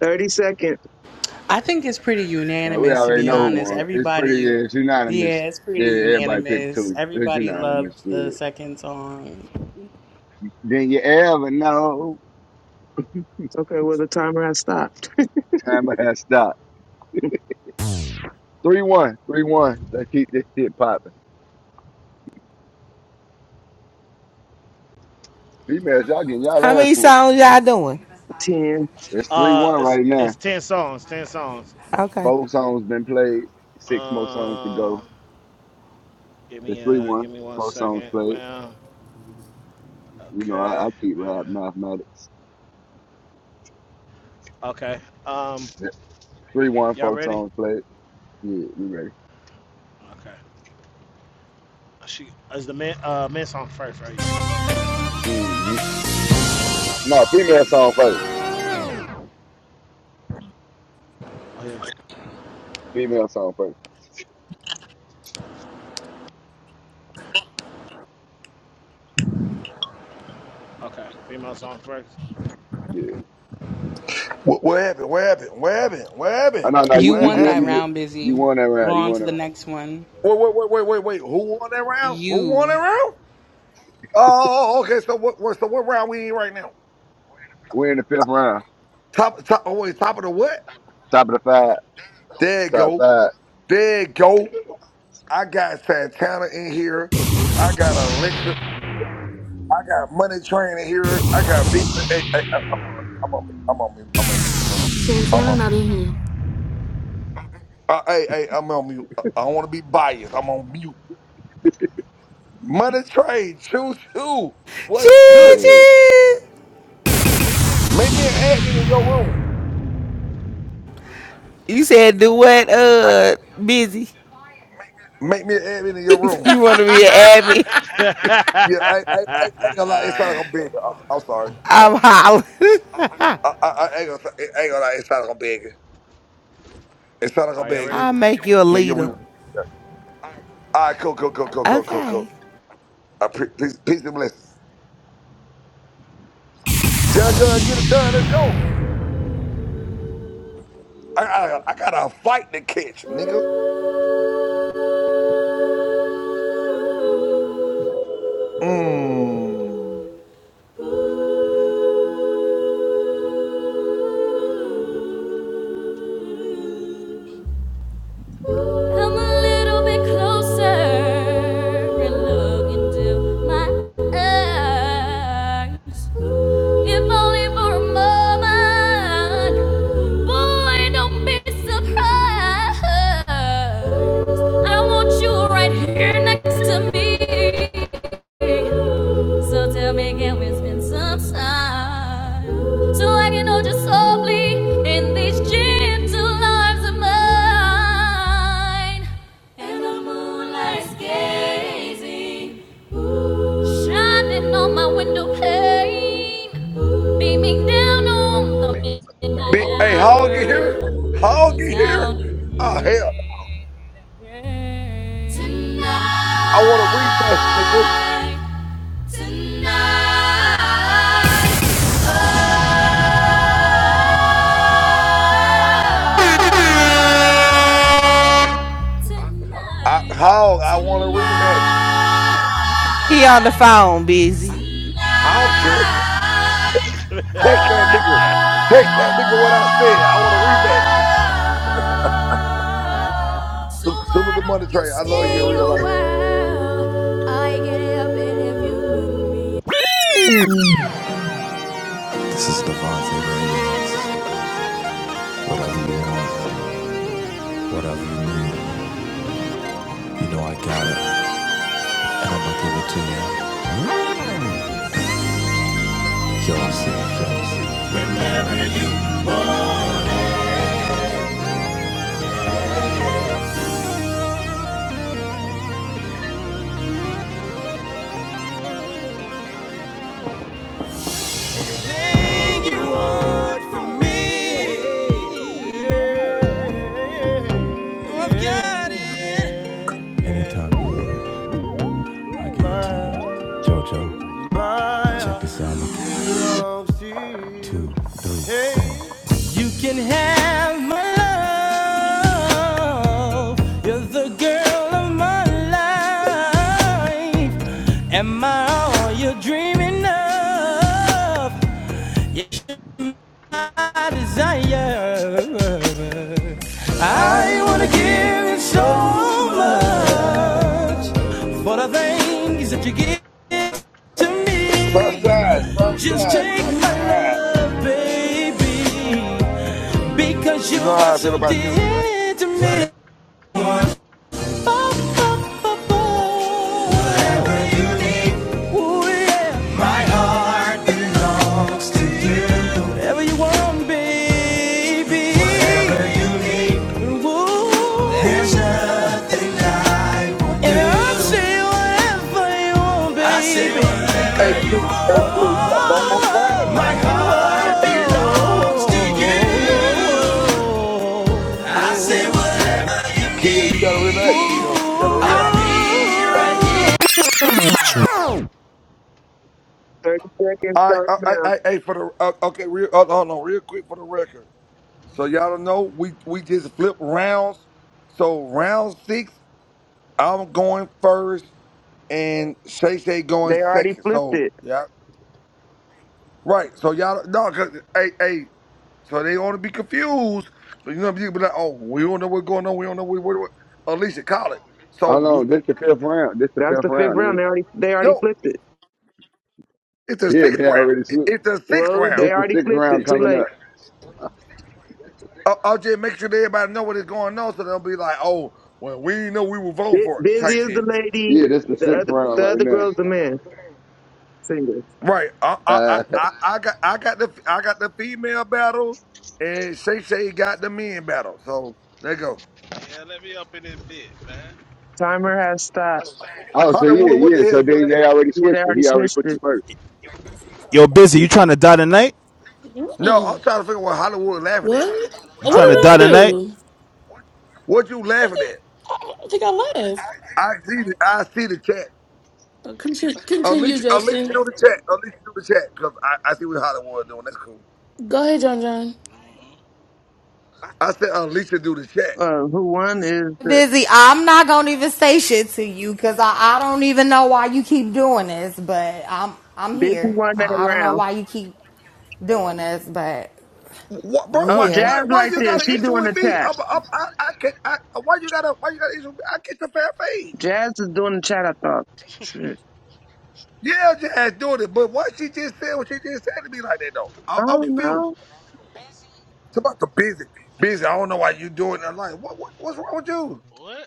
Q: 30 seconds.
A: I think it's pretty
N: Now, we
A: unanimous, to
N: already
A: be
N: know who
A: honest.
N: won. It's pretty,
A: Everybody,
N: yeah, it's unanimous.
A: yeah, it's
N: Yeah,
A: pretty
N: everybody picked
A: unanimous.
N: two. It's
A: Everybody
N: unanimous.
A: loved the
N: Yeah.
A: second song.
N: Then you ever know.
Q: Okay, well, the timer has stopped.
N: Time has stopped. 3 let Let's keep this shit popping. Females, y'all getting
P: How
N: y'all ass
P: many
N: whooped.
P: songs y'all doing?
Q: [LAUGHS] 10,
N: It's 3
E: Uh,
N: 1
E: it's
N: right now.
E: it's ten songs, ten songs.
P: Okay.
N: Four songs been played. Six more songs to
E: Um,
N: go.
E: give
N: It's
E: me
N: 3
E: uh, give
N: 1.
E: me one
N: Four songs
E: second,
N: played.
E: man.
N: You know, I,
E: Okay,
N: I keep
E: man.
N: rap mathematics.
E: Okay. Um,
N: It's 3 one,
E: y'all
N: four
E: ready?
N: songs played. Yeah, we ready.
E: Okay. Uh, She is the man. Uh, man song first, right? Yeah.
N: hmm No, female song first.
E: Oh yeah.
N: Female song first.
E: Okay. Female song first.
N: Yeah.
H: What, what happened? What happened? What happened? What
N: I
H: happened?
N: know. No,
A: You
N: you
H: What
N: you
A: won
N: good.
A: that
N: You
H: happened?
N: good.
A: round,
N: You
A: Busy.
N: won that
A: We're
N: round. You
A: on
N: won
A: to
N: that
A: the
N: round.
A: next one.
H: Wait, wait, wait, wait, wait, wait. Who won that round? Who won that
A: You.
H: round? Oh, okay. So what? what- So what round we in right now?
N: We're in the fifth round.
H: Top, top. Oh wait, top of the what?
N: Top of the five.
H: There you
N: Top
H: go.
N: five.
H: There you go. I got Santana in here. I got Alexa. I got Money Train in here. I got big. Hey, hey, I- I'm sorry. I'm on mute. I'm on mute. I'm on mute. I'm on mute. I'm
I: Santana
H: on mute.
I: not in here.
H: Uh, hey, hey, I'm on mute. I I don't want to be biased. I'm on mute. Money Train, choo choo. What's
P: Choo
H: good?
N: The,
P: choo.
H: Make me an admin in your room.
P: You said do what? Uh, busy.
H: Make me an admin in your
P: [LAUGHS]
H: room.
P: You want to be an admin?
E: [LAUGHS]
H: Yeah, I, I, I, I ain't gonna lie. It's not
E: Are
H: like I'm big. I'm, I'm sorry. It's not like
P: I'm
H: I'm.
P: hollering.
H: I, I, I ain't gonna. I ain't gonna lie. It's not like I'm big. It's not like I'm
E: y'all
P: [LAUGHS]
H: big.
E: ready?
P: I'll make you a
H: Yeah, yeah, we.
P: leader.
H: Yeah. All right, cool, cool, cool, cool, cool, cool,
P: Okay.
H: cool. I pre- peace, peace and blessings. Judge, uh, get it done. Let's go. I, I, I got a fight to catch, nigga. Mmm.
F: Come a little bit closer and look into my eyes. If only for a moment, boy, don't be surprised. I want you right here next to me. So tell me, can we spend some time so I can hold you softly in these gentle arms of mine? And the moonlight's gazing, shining on my window pane, beaming down on the midnight
H: Be- Hey, Hog in
F: hour.
H: here?
F: I'm the
H: Hog in here?
F: sound of
H: Oh hell,
F: rain.
H: I want a rematch, nigga.
F: Tonight. Tonight,
H: I,
F: tonight,
H: Hog, I want a rematch.
P: He on the
F: tonight,
P: phone, busy.
F: tonight.
H: I don't care. Take that nigga.
F: Oh,
E: [LAUGHS]
H: Take that nigga what I said. I want a rematch.
F: so
H: Sal- Salute
F: why
H: the money
F: don't you
H: train. I love you
F: stay
H: in
F: a
H: real life.
F: while? I get up and if you with me. What up? Me, I've got it. Check this. Hey. You can have my love. You're the girl of my life. Am I all you're dreaming of? Yes, my desire. I wanna give you so much for the things that you give to
H: Sunshine,
F: me. Just
H: sunshine,
F: take my
H: sunshine.
F: love, baby, because
H: You
F: you
H: know
F: are
H: how I feel
F: so
H: about you.
F: dear to me. Oh,
H: Mm-mm.
F: oh, oh, oh. Whatever you need, Ooh, yeah. my heart belongs. Whatever you want, baby. Whatever And I'll say whatever you want, baby.
H: Hey, Kill, hey, Kill, you
F: Oh,
H: got no more time,
F: My
H: man.
F: heart belongs to you.
H: Kill, you gotta relax, Kill. You gotta relax.
F: I'll be right here.
Q: 30 seconds
H: All right,
Q: starts
H: uh, I,
Q: now.
H: I, hey, for the, uh, okay, real, hold hold on, real quick for the record. So y'all don't know, we, we just flip rounds. So round six, I'm going first and Shay Shay
Q: They
H: going
Q: already
H: second.
Q: flipped
H: So
Q: it.
H: yeah, Right. So y'all no, cause hey, hey, so they want to be confused. So you know, you be like, oh, we don't know what's going on. We don't know what, what, what at least in college. So
N: oh no,
H: we,
N: this the fifth round. This the
Q: That's
N: fifth
Q: the fifth
N: round. ain't
Q: round.
N: it?
Q: They already they already
H: no,
Q: flipped it.
H: it's a
N: Yeah,
H: sixth
N: they
H: round.
N: already
H: It-
N: swooped.
H: it's a sixth
Q: Well,
N: This
Q: they
H: round.
N: the
Q: already
N: sixth
Q: flipped
N: round
Q: it. Too
N: coming
Q: late.
N: up.
H: I, I'll just make sure that everybody know what is going on, so they'll be like, oh, well, we didn't know we were voting
Q: Bu-
H: for it
Q: Busy
H: type
Q: is the
H: shit.
Q: lady.
N: Yeah, this the
Q: The
N: sixth
Q: other
N: round
Q: the
N: right
Q: other
N: now.
Q: girl's the man singer.
H: Right. I, I, I,
N: Uh,
H: I I got, I got the, I got the female battle, and Shay Shay got the men battle. So there you go.
S: Yeah, let me up in this bit, man.
Q: Timer has stopped.
N: [LAUGHS] oh, so yeah,
H: Hollywood, what the
N: yeah.
H: hell
N: So
H: you
N: then
H: laughing
N: they
H: at?
N: already
Q: Yeah, they
N: switched it.
Q: already
N: He already
Q: switched
N: put you
Q: it.
N: first.
D: [LAUGHS] Yo, busy,
N: He,
D: you trying to die tonight?
H: No, I'm
I: Mm.
H: trying to figure out what Hollywood laughing at.
I: What?
D: You
I: What
H: How
D: trying
H: the
D: to
I: did
H: what,
I: I
D: die
H: what you
D: tonight?
H: laughing?
I: do?
H: What you laughing at?
I: I don't think I laughed.
H: I see the I see the chat.
I: Uh, Continue, continue,
H: Alicia,
S: Mm-hmm.
H: Alicia
I: Justin.
H: do
S: Mm-hmm.
H: the chat. Alicia do the chat because I, I see what Hollywood doing. That's cool.
I: Go ahead, John John.
S: Mm-hmm.
H: I said Alicia do the chat.
Q: Uh, who won is the
T: busy. I'm not gonna even say shit to you because I, I don't even know why you keep doing this, but I'm I'm
Q: Busy
T: here.
Q: won that
T: I, I don't know
Q: round.
T: why you keep doing this, but
H: What, bro?
T: we
Q: Oh,
H: Why,
T: here.
Q: Jazz
H: why, why
Q: right
H: you
Q: there.
H: got an
Q: She
H: issue
Q: doing
H: with
Q: the
H: me?
Q: chat.
H: I'm, I'm, I, I can't. I, why you got a, why you got an issue? With me? I get the fair fade.
Q: Jazz is doing the chat. I thought. Shit.
H: Yeah, Jazz doing it, but why she just said what she just said to me like that though? I,
Q: I
H: I'm
Q: don't
H: confused.
Q: know.
H: It's about the busy, busy. I don't know why you doing it. I'm Like, what, what, what's wrong with you?
S: What?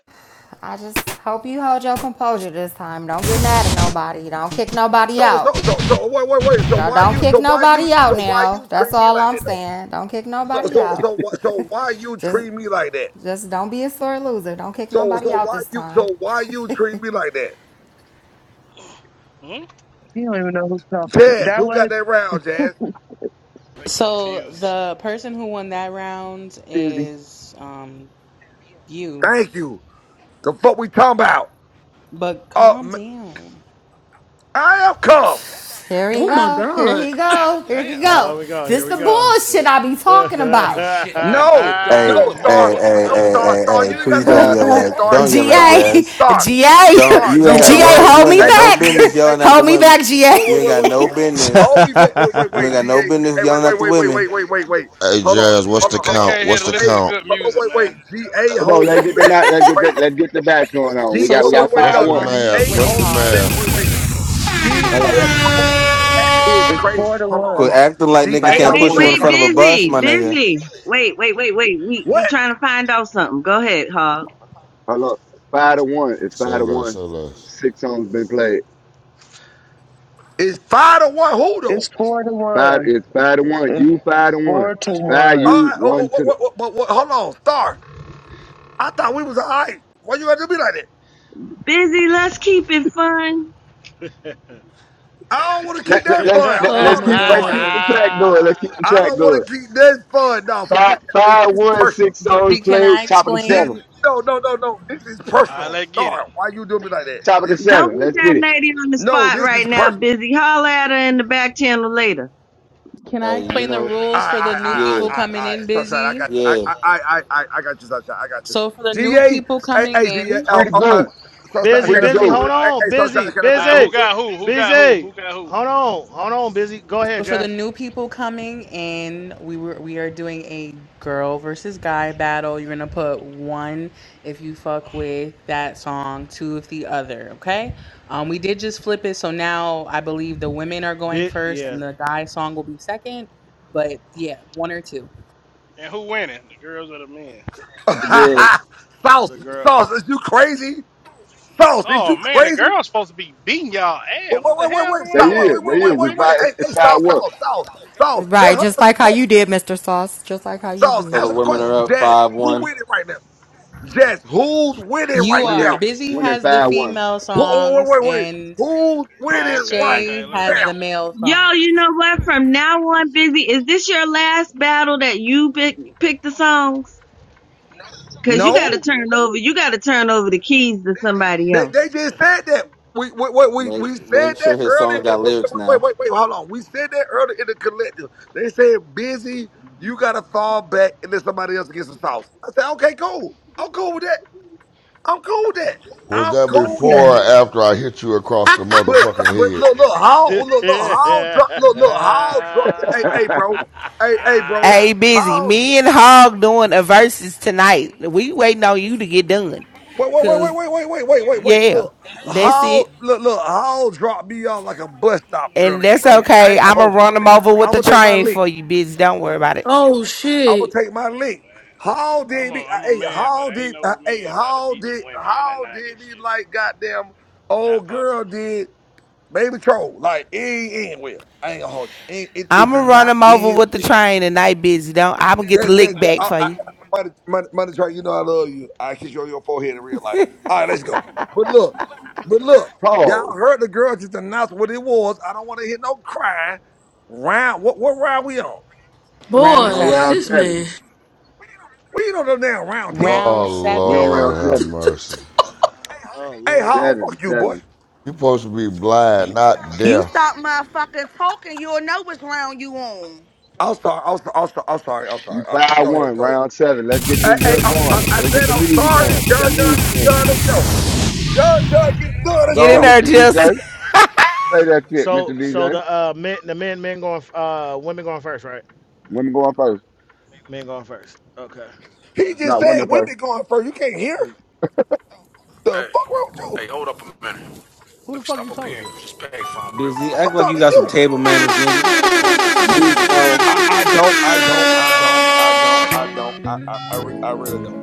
T: I just hope you hold your composure this time. Don't get mad at nobody. Don't kick nobody
H: So
T: out.
H: so so so wait wait wait. So
T: Don't,
H: why
T: don't
H: you
T: kick
H: so why you
T: nobody out
H: so why
T: now.
H: you
T: That's
H: treat me
T: all
H: like
T: I'm
H: that though?
T: saying. Don't kick
H: So
T: nobody
H: so
T: out.
H: so wh- so why you
T: Just
H: treat me like that?
T: just don't be a sore loser. Don't kick
H: So
T: nobody
H: so
T: out
H: why
T: this
H: you
T: time.
H: so why you treat me like that?
S: [CLEARS THROAT] Hmm?
Q: You don't even know who's talking. To.
H: Jazz,
Q: That
H: who got
Q: was
H: that round, Jazz?
S: Think you
A: So
S: confused.
A: the person who won that round
Q: Busy.
A: is um you.
H: Thank you. The fuck we talking about?
A: But
H: Uh,
A: calm
H: m-
A: down.
H: I am come.
T: Here he
I: Oh my
T: go. Here
I: god.
T: he
S: God
T: go. Here he
S: damn.
T: go.
E: Oh, we go.
T: This
E: Here we
T: the
E: go.
T: bullshit I be talking about.
H: No,
U: Hey,
H: no,
U: hey,
H: star,
U: hey,
H: no,
U: hey,
H: star,
U: hey,
H: star.
U: hey!
H: You ain't
U: Please
H: gotta treat
U: don't
H: me
N: five,
H: like
U: yell
H: that,
U: at,
H: star,
U: don't yell
T: G
U: at
T: A
H: star,
T: G
U: Jazz.
T: A,
H: star,
U: Don't
H: star.
U: you
T: you
U: ain't
H: No,
N: five,
U: got
T: GA,
H: no,
N: one.
U: no,
H: hey,
U: you
T: hold
U: ain't
T: me
U: got
H: ain't
U: no
H: no
T: back. [LAUGHS]
U: business
H: GA,
U: yelling at the
T: Hold me
U: women.
T: back, GA.
H: Wait,
U: You
H: wait,
U: ain't
H: wait,
U: got
H: wait,
T: [LAUGHS]
U: no
H: wait.
U: business.
H: Call me back. Wait, wait,
U: You ain't
H: wait.
U: got
H: GA.
U: no
H: Hey,
U: business
H: wait,
U: yelling at
H: wait,
U: the
H: wait, wait,
U: women.
H: wait, wait, wait, wait.
V: Hey
H: Hold on.
V: Jazz,
H: G-
V: what's
S: Hey,
H: Hold
S: we
V: the
H: on, hold
S: just
H: on.
V: count?
S: came here to
V: What's the
S: listen
H: GA.
S: to
V: count?
S: good
H: Hold on,
S: music,
H: wait,
S: man.
H: wait. GA
N: Come on,
H: hold
N: let's
H: me
N: get the
H: back
N: match.
H: is
N: Let's get the,
H: crazy.
N: let's get the match going on. We
H: G
A: So
N: got we
H: wait,
A: so
N: got
H: wait, wait.
N: five
V: What's
H: No,
V: the
A: far,
N: one.
A: um, he's
V: math?
H: GA
V: What's
A: winning
H: hold
V: the
H: me
A: hog.
H: back.
V: math?
H: Wait, wait.
N: All
H: GA
N: right,
H: hold me back is crazy.
Q: Four to
H: Hold on,
Q: one.
H: hold
U: Quit
H: on.
U: acting like niggas
H: GA
N: five
U: can't
N: to
H: hold me
W: Wait,
U: push you
H: back
U: in
N: one.
W: wait,
U: front
H: crazy.
U: of a bus,
W: busy,
U: my nigga.
W: busy. Wait, wait, wait, wait. We we
H: What?
W: trying to find out something. Go ahead, Hog.
N: Hold up, five to one. It's
V: Say
N: five to
V: less, say
N: one.
V: less.
N: Six songs been played.
H: Is five to one who though?
Q: It's four to
N: Five.
Q: one.
N: It's five to one.
Q: It's
N: You five to one.
Q: four to
N: Five
Q: one.
H: All
N: you
H: right, oh,
N: one
H: but
N: to
H: what,
N: the.
H: what, what, but what, hold on, Star. I thought we was all right. Why you had to be like that?
W: Busy, let's keep it fun.
H: I don't want to keep
N: Let, let,
H: that
N: let's
H: fun.
N: let,
H: I'm
I: Oh
N: let's
H: talking
I: my
H: to
N: keep let's
H: Star.
N: keep
I: god.
N: the track going. Let's keep the
H: I
N: track
H: don't
N: going.
H: want to keep this fun. No,
N: Five
H: forget that. It's
N: five
H: this
N: one.
H: personal.
N: Six songs
A: Busy, can
N: played.
A: I
N: Top of the
H: This
N: seven.
A: explain?
H: no, no, no, no. This is
S: All right,
H: personal.
S: let's get it.
H: Star, why you doing me like that?
N: Top of the
H: This
W: Don't
H: personal.
N: seven.
W: put
N: Let's
W: that
N: get it.
W: lady on the
H: No,
W: spot
H: this
W: right
H: is
W: now,
H: personal.
W: busy. Holler at her in the back channel later.
A: Can I
U: Hey, you
A: explain the
U: know,
H: I,
A: rules for the
H: I,
A: new
H: I, I,
U: yeah,
A: people
H: I,
A: coming
H: I,
A: in?
H: Sunshine, I
A: Busy.
H: got you. I,
U: yeah.
H: I, I, I, I I got you, Sunshine. I got you.
A: So for the new
H: GA,
A: people
H: hey,
A: coming
H: hey,
A: in,
N: Free
H: oh,
N: to
H: oh, uh,
N: go.
E: [LAUGHS]
H: Sunshine,
E: busy,
N: Free
H: can
N: to
H: I say
E: busy.
H: something?
N: go.
E: Hold
S: All right.
H: Hey,
E: on.
H: hey, Sunshine,
E: Busy,
H: can I say
S: All right,
H: something
S: who
E: busy,
S: got who? Who got who?
E: busy.
S: Who got who?
E: Hold on. Hold on, busy. Go ahead,
A: so for the
E: Jack.
A: new people coming in, we were we are doing a girl versus guy battle. You're gonna put one if you fuck with that song, two if the other. Okay. Um, we did just flip it, so now I believe the women are going
E: Bit,
A: first,
E: yeah.
A: and the guy song will be second. But yeah, one or two.
S: And who winning? The girls or the men?
H: real quick?
N: The girls.
H: [LAUGHS]
E: uh,
H: Sauce,
E: the girl.
H: sauce, is you crazy? Sauce, is
S: Oh,
H: you
S: man, the
H: crazy?
S: girls supposed to be beating y'all
H: Wait,
S: ass.
H: wait,
S: What the
H: wait, wait,
S: hell
H: wait,
S: going
N: They
H: Sauce, wait,
S: on?
N: is.
S: Come
N: They
H: wait, wait, wait,
S: on,
N: is.
H: wait,
N: It's
S: women.
H: wait.
N: five.
H: Hey,
N: It's
H: hey,
N: five
H: Sauce,
N: one.
H: Sauce, Sauce, Sauce, let
T: Right,
H: her
T: just
H: ask the
T: like how
H: question.
T: you did, Mr. Sauce. Just like how you
H: Sauce,
U: So
T: did.
U: the
H: answer the
U: women
H: question.
U: are up
H: Jazz,
U: five
H: who
U: one.
H: winning right now? Jazz, who's winning
A: You
H: right
A: are.
N: Women
H: now?
A: Busy
N: winning
A: has the
N: five one.
A: female
H: Who, oh, wait,
A: songs
H: wait, wait.
A: and
H: Who's
S: Oh,
H: winning
S: okay,
H: right
A: Shay
S: okay. Let's
A: has
H: now?
S: go.
A: the male songs.
W: Yo, you know what? From now on, busy, is this your last battle that you pick pick the songs? Cause you gotta
H: No,
W: turn over you gotta turn over the keys to somebody
H: they,
W: else.
H: they just said that. We, we, we, we
U: Make
H: we said
U: make sure
H: that
U: his
H: earlier.
U: song's
H: in-
U: got
H: Wait,
U: lyrics
H: wait, wait,
U: now.
H: wait, wait, hold on. We said that earlier in the collective. They said, busy, you got to fall back and let somebody else get some sauce. I said, okay, cool. I'm cool with that. I'm cool with that.
V: Was
H: I'm
V: that
H: cool with
W: Okay.
V: before
H: that.
V: or after I hit you across the
H: But
V: motherfucking
H: but
V: head?
H: look look how look look how drop look look how drop hey
N: [LAUGHS]
H: hey bro hey hey bro
P: Hey, busy.
H: how
P: Me and Hog doing a versus tonight. We waiting on you to get done.
H: wait wait
S: Yeah.
H: wait
P: Cause
H: wait wait wait wait wait wait wait
P: yeah,
H: look
P: that's
H: how
P: it.
H: look look how drop me off like a bus stop
P: And
H: earlier
P: that's
H: bro I
P: okay.
H: ain't gonna
P: I'ma
H: hold you
P: run him over with
H: I'm
P: the
H: gonna take my
P: train
H: link
P: for you, busy. Don't worry about it.
I: Oh
H: I'm
I: shit.
H: gonna take my
S: Oh
H: link how
S: man, I'm
H: did
S: a
H: me uh,
S: I'm a
H: hey
S: man, but
H: how
S: ain't
H: did uh,
S: no
H: hey
S: man about to
H: how
S: beat the
H: did
S: women in the
H: how
S: '90s
H: did me
S: shit.
H: like goddamn
S: Not
H: old girl
S: possible.
H: did baby troll like it ain't end well I ain't gonna hold you it, it, it
P: I'ma
H: did
P: run
H: not
P: him over
H: end
P: with the
H: well
P: train tonight, busy. Don't I'ma get the
H: That, that,
P: lick
H: that,
P: back
H: I,
P: for
H: I,
P: you.
H: money, money, money train, you know I love you. I kiss you on your forehead in real life. All right, let's go. But look, but look, y'all
N: Pause.
H: heard the girl just announce what it was. I don't want to hear no crying. Round, what, what round we on?
N: We
A: Round
I: Boy,
N: on round
A: seven.
I: this
N: seven.
I: man.
H: We ain't on the damn round 10.
A: Round
V: Oh
N: We on
A: seven.
V: Lord
N: round
V: have
N: seven.
V: mercy.
E: [LAUGHS] oh,
H: Hey,
E: Lord
H: how
E: Jesus.
N: Seven,
H: fuck you, boy.
N: seven.
V: You supposed to be blind, not
R: You
V: deaf.
R: stop motherfucking talking, you'll know which round you on.
H: I'm sorry, I'm sorry, I'm sorry, I'm sorry, I'm
N: You
H: sorry. Okay,
N: five
H: go ahead,
N: one,
H: go ahead.
N: round seven. Let's
H: J-
N: get
H: Hey,
N: this
H: hey
N: joint
H: I, I,
N: going.
H: I
N: Let's get
H: said
N: the
H: I'm
N: music
H: sorry.
N: going. Put that
H: John, John,
N: music
H: get it
N: in.
H: done, let's go. John, John, get it done,
N: Go
H: let's
P: Get in
N: on,
H: go.
P: there,
N: Mr.
P: just
N: DJ. Play that shit, Mr.
E: So, so
N: DJ.
E: the uh, men, the men, men going, uh, women going first, right?
N: Women going first.
E: Men going first. Okay,
H: He
E: let's
H: just
N: Not
E: go.
H: said
N: women first.
H: women going first. You can't hear?
E: Woman.
H: The fuck wrong with you?
E: Who the fuck are you talking to?
U: Busy, act
H: I'm
U: like you
H: talking to
U: got some
H: you.
U: table manners, nigga.
N: Music on.
H: I, I don't, I don't, I don't, I don't, I don't, I, I, I, re- I really don't.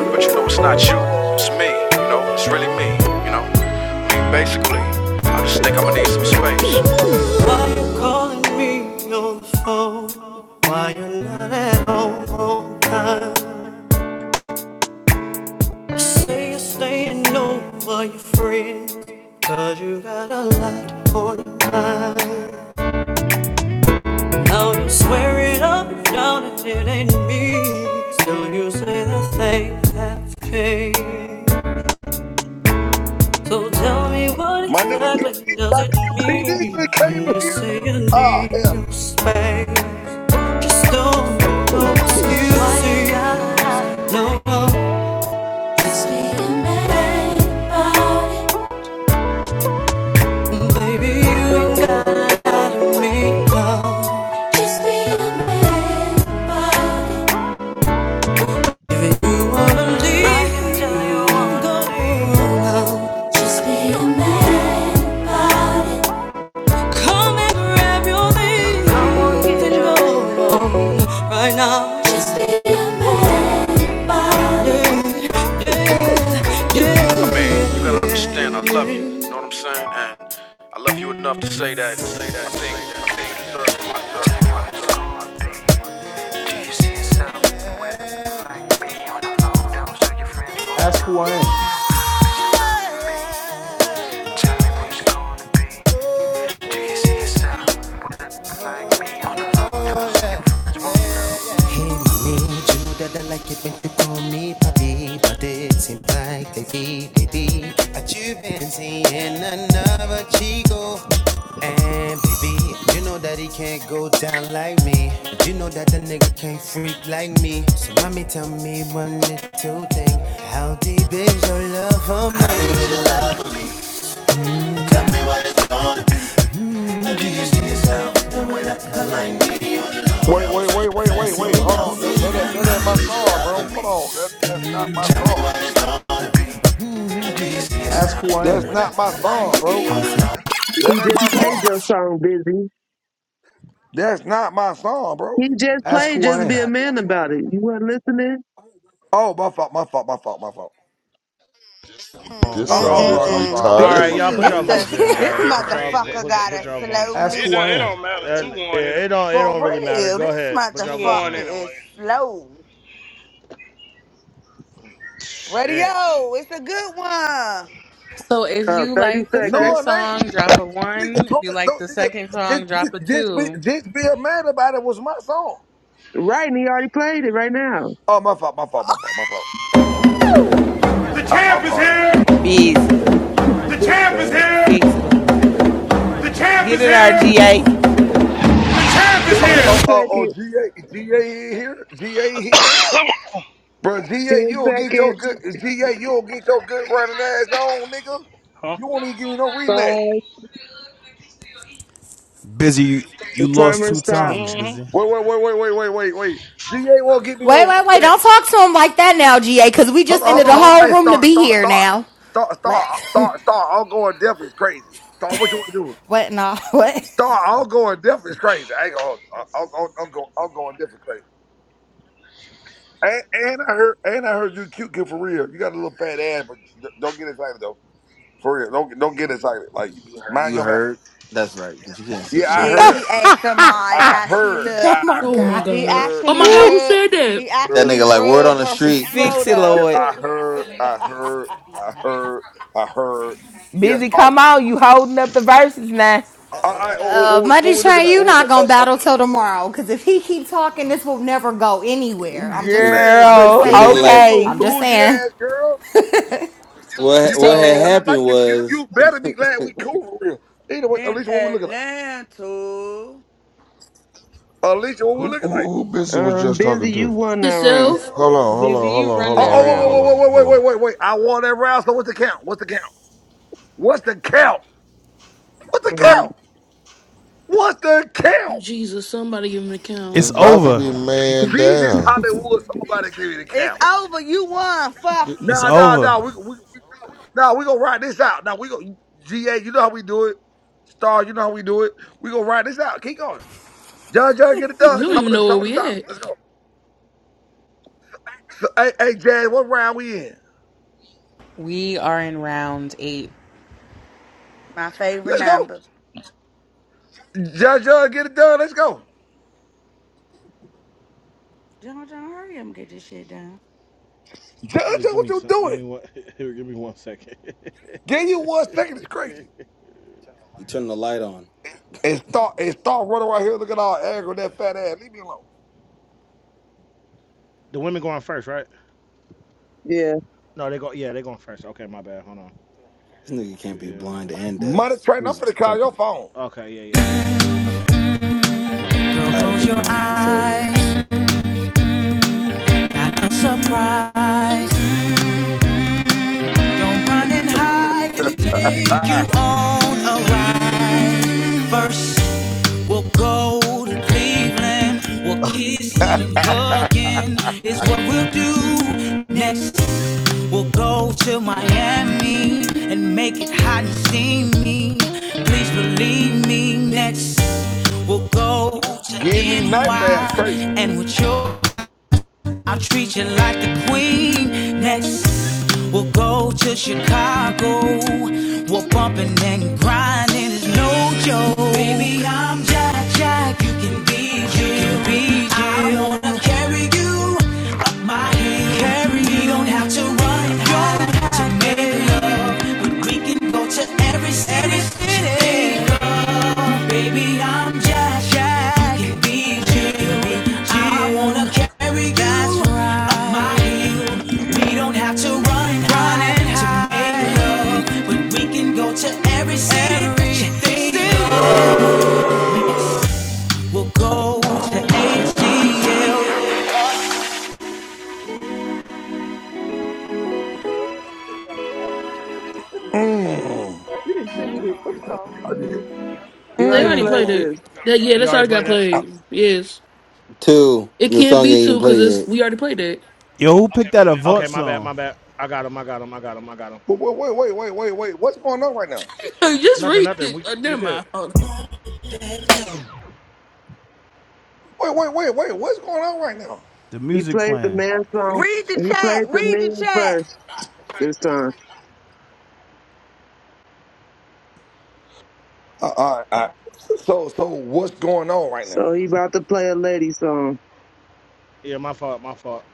F: But you know, it's not you, it's me. You know, it's really me. You know, I mean, basically, I just think I'm gonna need some space. Why you calling me on the phone? Why you not at home all the time? Say you're staying over your friend Cause you got a lot on your mind Now you swear it up and down and it ain't me Still you say that things have changed So tell me what
H: My nigga
F: exactly
H: PD,
F: does
H: my
F: it
H: nigga PD
F: mean
H: just came
F: When
H: in
F: you
H: here.
F: say you
H: Oh,
F: need
H: hell.
F: your space Just don't no excuses Why you gotta- No, no, baby you ain't got me no. Man, you gotta understand, I love you. You know what I'm saying? And I love you enough to say that. Say that. I think. I think you deserve my
X: Ask who I am.
F: Hey, mommy, you know that I like it when you call me papi? But it seems like lately, lately, that you've been seeing another chico. Baby, you know that he can't go down like me. But you know that a nigga can't freak like me. So mommy, tell me one little thing. How do you love my
H: Wait, wait, wait, wait, wait, wait. Hold on. That, that, ain't- that ain't my song, bro. Hold on. That, that's not my song.
X: Ask who I
H: That's
X: am.
H: not my song, bro.
Q: He
H: That ain't
Q: just
H: my
Q: played
H: song.
Q: your song, Busy.
H: That's not my song, bro.
Q: He just
X: Ask
Q: played
X: who I
Q: Just Be
X: am.
Q: a Man about it. You weren't listening?
H: Oh, my fault, my fault, my fault, my fault.
E: Oh,
V: This
H: I, I'm
V: some bitch
H: sorry,
E: bro.
H: I'm
R: Mm-mm-mm-mm.
H: sorry. I'm,
E: All
V: retarded.
H: I'm in
E: right,
H: my
E: y'all put
H: feelings.
E: y'all
R: This,
A: Busy.
R: a,
E: votes in,
R: this
E: bro.
S: Man,
E: Put y'all
S: crazy as
R: motherfucker
E: put y'all,
R: got a
E: put
S: hell,
E: y'all
S: man.
E: votes
R: slow
X: Ask
E: in.
S: It
X: who
R: leak.
S: don't,
X: I
S: it
X: am.
S: don't matter. Two
E: And
S: one
E: yeah, it
S: anyway.
E: don't it
R: For
E: don't really matter.
R: real,
E: Go
R: this
E: ahead, put
S: Two
E: y'all votes
S: one
R: motherfucker
E: in.
R: is
S: anyway.
R: slow. Radio,
E: Shit.
R: it's a good
A: [LAUGHS] so if
Q: Uh,
A: you
Q: 30
A: like the
Q: seconds.
H: No,
A: first
H: it ain't.
A: song, drop a
H: Nigga,
A: one. If
H: told
A: you
H: me,
A: like
H: don't,
A: the
H: nigga,
A: second song, drop
H: just,
A: a
H: just, just be,
A: two.
H: just be a man about it was my song.
Q: Right, and he already played it right now.
H: Oh, my fault, my fault, my fault, my fault.
R: one.
X: The
H: I, I'm
X: champ is
H: sorry.
X: here!
P: [LAUGHS] busy.
Q: [LAUGHS]
X: The
Q: Good
X: champ is
Q: for
X: here!
P: Fix it or what?
X: The champ is
P: Get in there,
X: here!
P: GA.
X: The champ is
Q: it.
H: Oh,
Q: 15
H: oh,
X: here!
H: oh, oh,
Q: seconds,
H: G A G A here, GA
S: [COUGHS]
H: here,
S: huh?
H: bro. GA, you
Q: 10
H: don't get your
Q: seconds,
H: good, GA, you don't get your good running ass on, nigga. You won't even give me no rematch.
Q: five.
D: [LAUGHS] busy, you, you
Q: The
D: lost
Q: timer
D: two times,
Q: stopped.
S: Mm-hmm.
D: busy.
H: Wait, wait, wait, wait, wait, wait, wait, wait. GA won't give me
T: Wait,
H: no
T: wait, wait.
H: rematch.
T: Don't talk to him like that now, GA, because we
H: Hold
T: just
H: on,
T: ended
H: hold
T: the
H: on, hold on.
T: whole
H: Hey,
T: room to
H: start,
T: be
H: start,
T: here
H: start,
T: now.
H: start, start,
T: Let,
H: start, start. I'll go on death is crazy. Start. What you want to do?
T: [LAUGHS] what, no, what?
H: Star, I'll go in different crazy. I ain't gonna, I'll, I'll, I'll I'll go, I'll go in different crazy. And, and I heard, and I heard you cute kid for real. You got a little fat ass, but d- don't get excited though. For real, don't don't get excited. Like mind
U: You
H: your man.
U: heard? That's right, but you can't see
H: Yeah, I
U: shit.
R: Yeah,
H: heard,
R: he asked
P: [LAUGHS]
R: somebody
H: I
R: how she
H: heard,
T: [LAUGHS] Oh
H: I
R: looked.
T: my
I: Oh
H: heard,
I: my
T: God.
H: I
R: He
I: god.
H: heard,
I: Oh
R: actually
I: my
H: I
I: god,
P: [LAUGHS]
I: who
R: rubbed.
I: said that?
R: He
U: That
H: heard.
R: actually
U: nigga like word
R: rubbed
U: on the
R: her f-
U: street,
P: Fix it,
H: Yeah,
R: photo
P: Lord.
H: I heard, I heard,
R: [LAUGHS]
H: I heard, I heard. Yes,
P: Busy,
H: oh, you,
P: come on. You holding up the verses now.
H: all right. What,
T: Uh,
H: what,
T: Money
H: what we looking
T: Train,
H: at?
T: you not
H: What-
T: gonna
H: uh, uh,
T: battle till
S: Pizza. in.
T: tomorrow, because if he keep talking, this will never go anywhere. I'm just,
U: nigga.
H: man,
T: I'm just
P: Girl,
U: But
H: forget
T: saying.
U: nigga,
H: you, you
U: like
H: little
T: I'm
P: okay.
T: just
H: bougie
T: saying.
H: ass girl. You
U: what what
H: better be
U: had
H: glad
A: So
H: I like
U: happened
H: you. You
U: was
H: you better be glad we cool for real. Either way,
R: in
H: Alicia, what we looking like?
R: Atlanta.
H: Alicia,
V: [LAUGHS]
H: what we
V: who,
H: looking like?
V: who who bitch he was
Q: Um,
V: just
Q: Busy,
V: talking
Q: you
V: to?
Q: won that round.
I: Himself?
V: Hold on, hold
A: busy,
V: on, hold
A: you
V: on,
A: run
V: hold
H: Oh,
A: that
V: on, hold on, hold
A: round.
V: on,
H: oh, wait, wait, wait, wait, wait,
V: hold on.
H: wait, wait, wait. I want that round. So what's the count? What's the count? What's the count? What's the
Q: Um,
H: count? What's the count?
I: Jesus, somebody give him an account.
D: It's
V: It's about to
D: over.
V: be man
H: Jesus
V: down.
H: Hollywood, somebody give me the
R: It's
H: count.
R: over. You won. Fuck it.
D: It's
H: Nah, nah,
D: over.
H: nah. We we, we nah, we gonna ride this out. Now we gonna GA, you know how we do it. Star, you know how we do it. We gonna ride this out. Keep going. John John, get it done.
I: You don't
H: Top
I: even
H: of the
I: know where
H: top of the
I: we
H: top.
I: at.
H: Let's go. So, hey, hey, Jazz, what round we in?
A: We are in round eight.
R: My favorite
H: Let's go.
R: number.
H: Judge, uh, get it done. Let's go.
R: John, John, hurry up and get this shit done.
H: Judge,
E: Yeah,
H: uh,
E: Give
H: what
E: me
H: you
E: some. Give me
H: doing?
E: one. [LAUGHS] Give me one second.
H: Give you one second. It's crazy.
E: [LAUGHS]
U: he turned the light on.
H: And start and start running around here looking all angry with that fat ass. Leave me alone.
E: the women going first, right?
Q: yeah,
E: No, they go. Yeah, they going first. Okay, my bad. Hold on.
U: This nigga can't be
E: Yeah.
U: blind and deaf.
H: Money train. I'm
U: Jesus
H: finna call
U: Christ.
H: your phone.
E: Okay. Yeah. Yeah. Bam. Right here. Okay.
F: Girl,
U: Tired of
F: close
U: picking
F: your
U: on you say
F: eyes. not a surprise. Don't run and hide, let me take you on a ride. First, we'll go to Cleveland, we'll kissing and
H: [LAUGHS]
F: hugging is what we'll do. Next, we'll go to Miami and make it hot and steamy. Please believe me. Next, we'll go to
H: Give me
F: NY
H: nightmares. Crazy.
F: and we'll chill. I'll treat you like the queen. Next, we'll go to Chicago. We're bumping and grinding. It's no joke. Baby, I'm Jack Jack. You can be Jill. Be Jill. I wanna carry you up my hill. Carry we you. don't have to run high to make love, but we can go to every city. Baby, I'm Jack Jack. Go to HDL,
H: Mmm. I did.
Q: you
I: They
Q: already
I: already
Q: played
I: played
H: Mmm.
I: it.
Q: this.
I: That yeah,
E: We
I: that's
E: already
I: already
E: played
I: got
E: that.
H: Uh,
I: played. Yes.
U: Two,
I: It
U: the
I: can't
U: song ain't
I: be
U: even
I: two because
U: played
I: it's
U: yet.
I: we already played that.
D: Yo, who picked that Avant
E: Okay. My bad. My
D: song?
E: bad. I got him. I got him. I got him. I got him.
H: Wait, wait, wait, wait, wait, wait. wait. What's going on right now?
I: Hey, Just
E: Nothing.
I: read
E: Nothing.
I: it.
E: We.
I: Uh,
E: You
I: never
E: good?
I: mind. Hold on.
H: Wait, wait, wait, wait. What's going on right now?
D: The
Q: He
D: music
Q: played the
D: playing.
Q: man song.
R: Read the
Q: He
R: chat.
Q: played the
R: Read the
Q: man
R: chat.
Q: first this time.
H: Uh, all right, all right. So, so what's going on right now?
Q: So he about to play a lady song.
E: Yeah, my fault. My fault.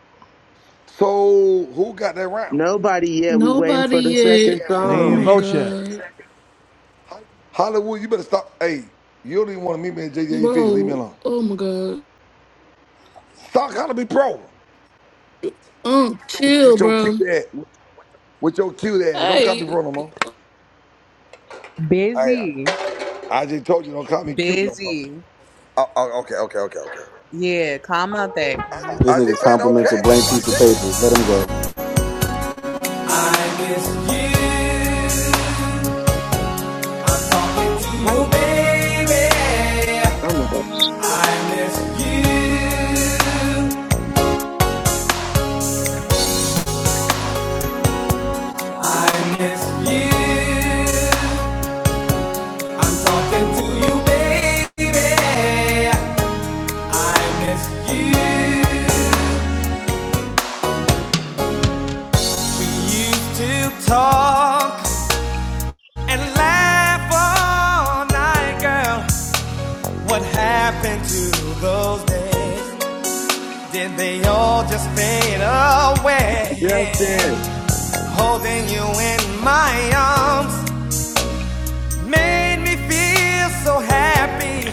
H: So, who got that round?
Q: Nobody yet. We waiting
I: Nobody
Q: for the second
I: yet. Oh
D: They ain't
Q: song.
I: my
D: vote yet.
I: god,
H: Hollywood, you better stop. Hey, you don't even want to meet me at JJ Fish. Leave me
I: bro.
H: alone.
I: Oh my god.
H: Stop calling me pro.
I: Um,
H: With,
I: chill,
H: with your cute
I: bro.
H: ass. With, with your cute ass. Don't call me
I: Hey,
H: pro no more. Hey,
A: Busy.
H: I, I just told you don't call me cute no more.
A: Busy.
H: Oh, oh, okay, okay, okay, okay.
A: Yeah, calm out there. Calm out
U: This
H: I
A: there.
U: nigga
H: just said
U: compliments a
H: okay.
U: blank
H: Like
U: piece of
H: damn.
U: paper. Let him go.
Q: Right? Oh my god.
E: 18.
F: baby. I miss you. We used to talk and laugh all night, girl. What happened to those days? Did they all just fade away?
Q: Justin.
F: Holding you in my arms made me feel so happy.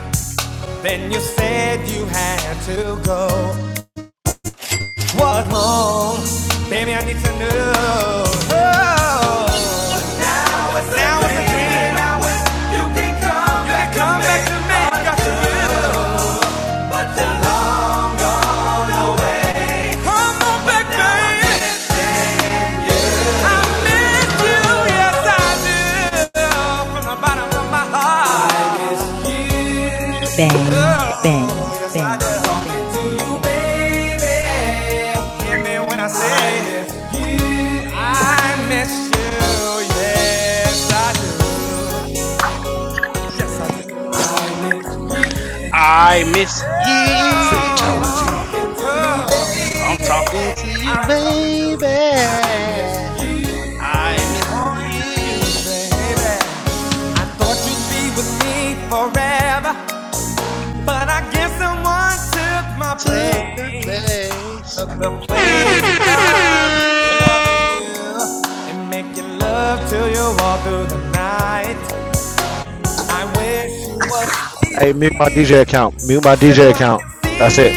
F: Then you said you had to go. What wrong? Baby, I need to know. Oh. Now it's a dream. You come back to me.
S: I miss you. I'm talking to you, baby. I miss you. Took your place.
E: Hey, mute my DJ account. Mute my DJ account. That's it.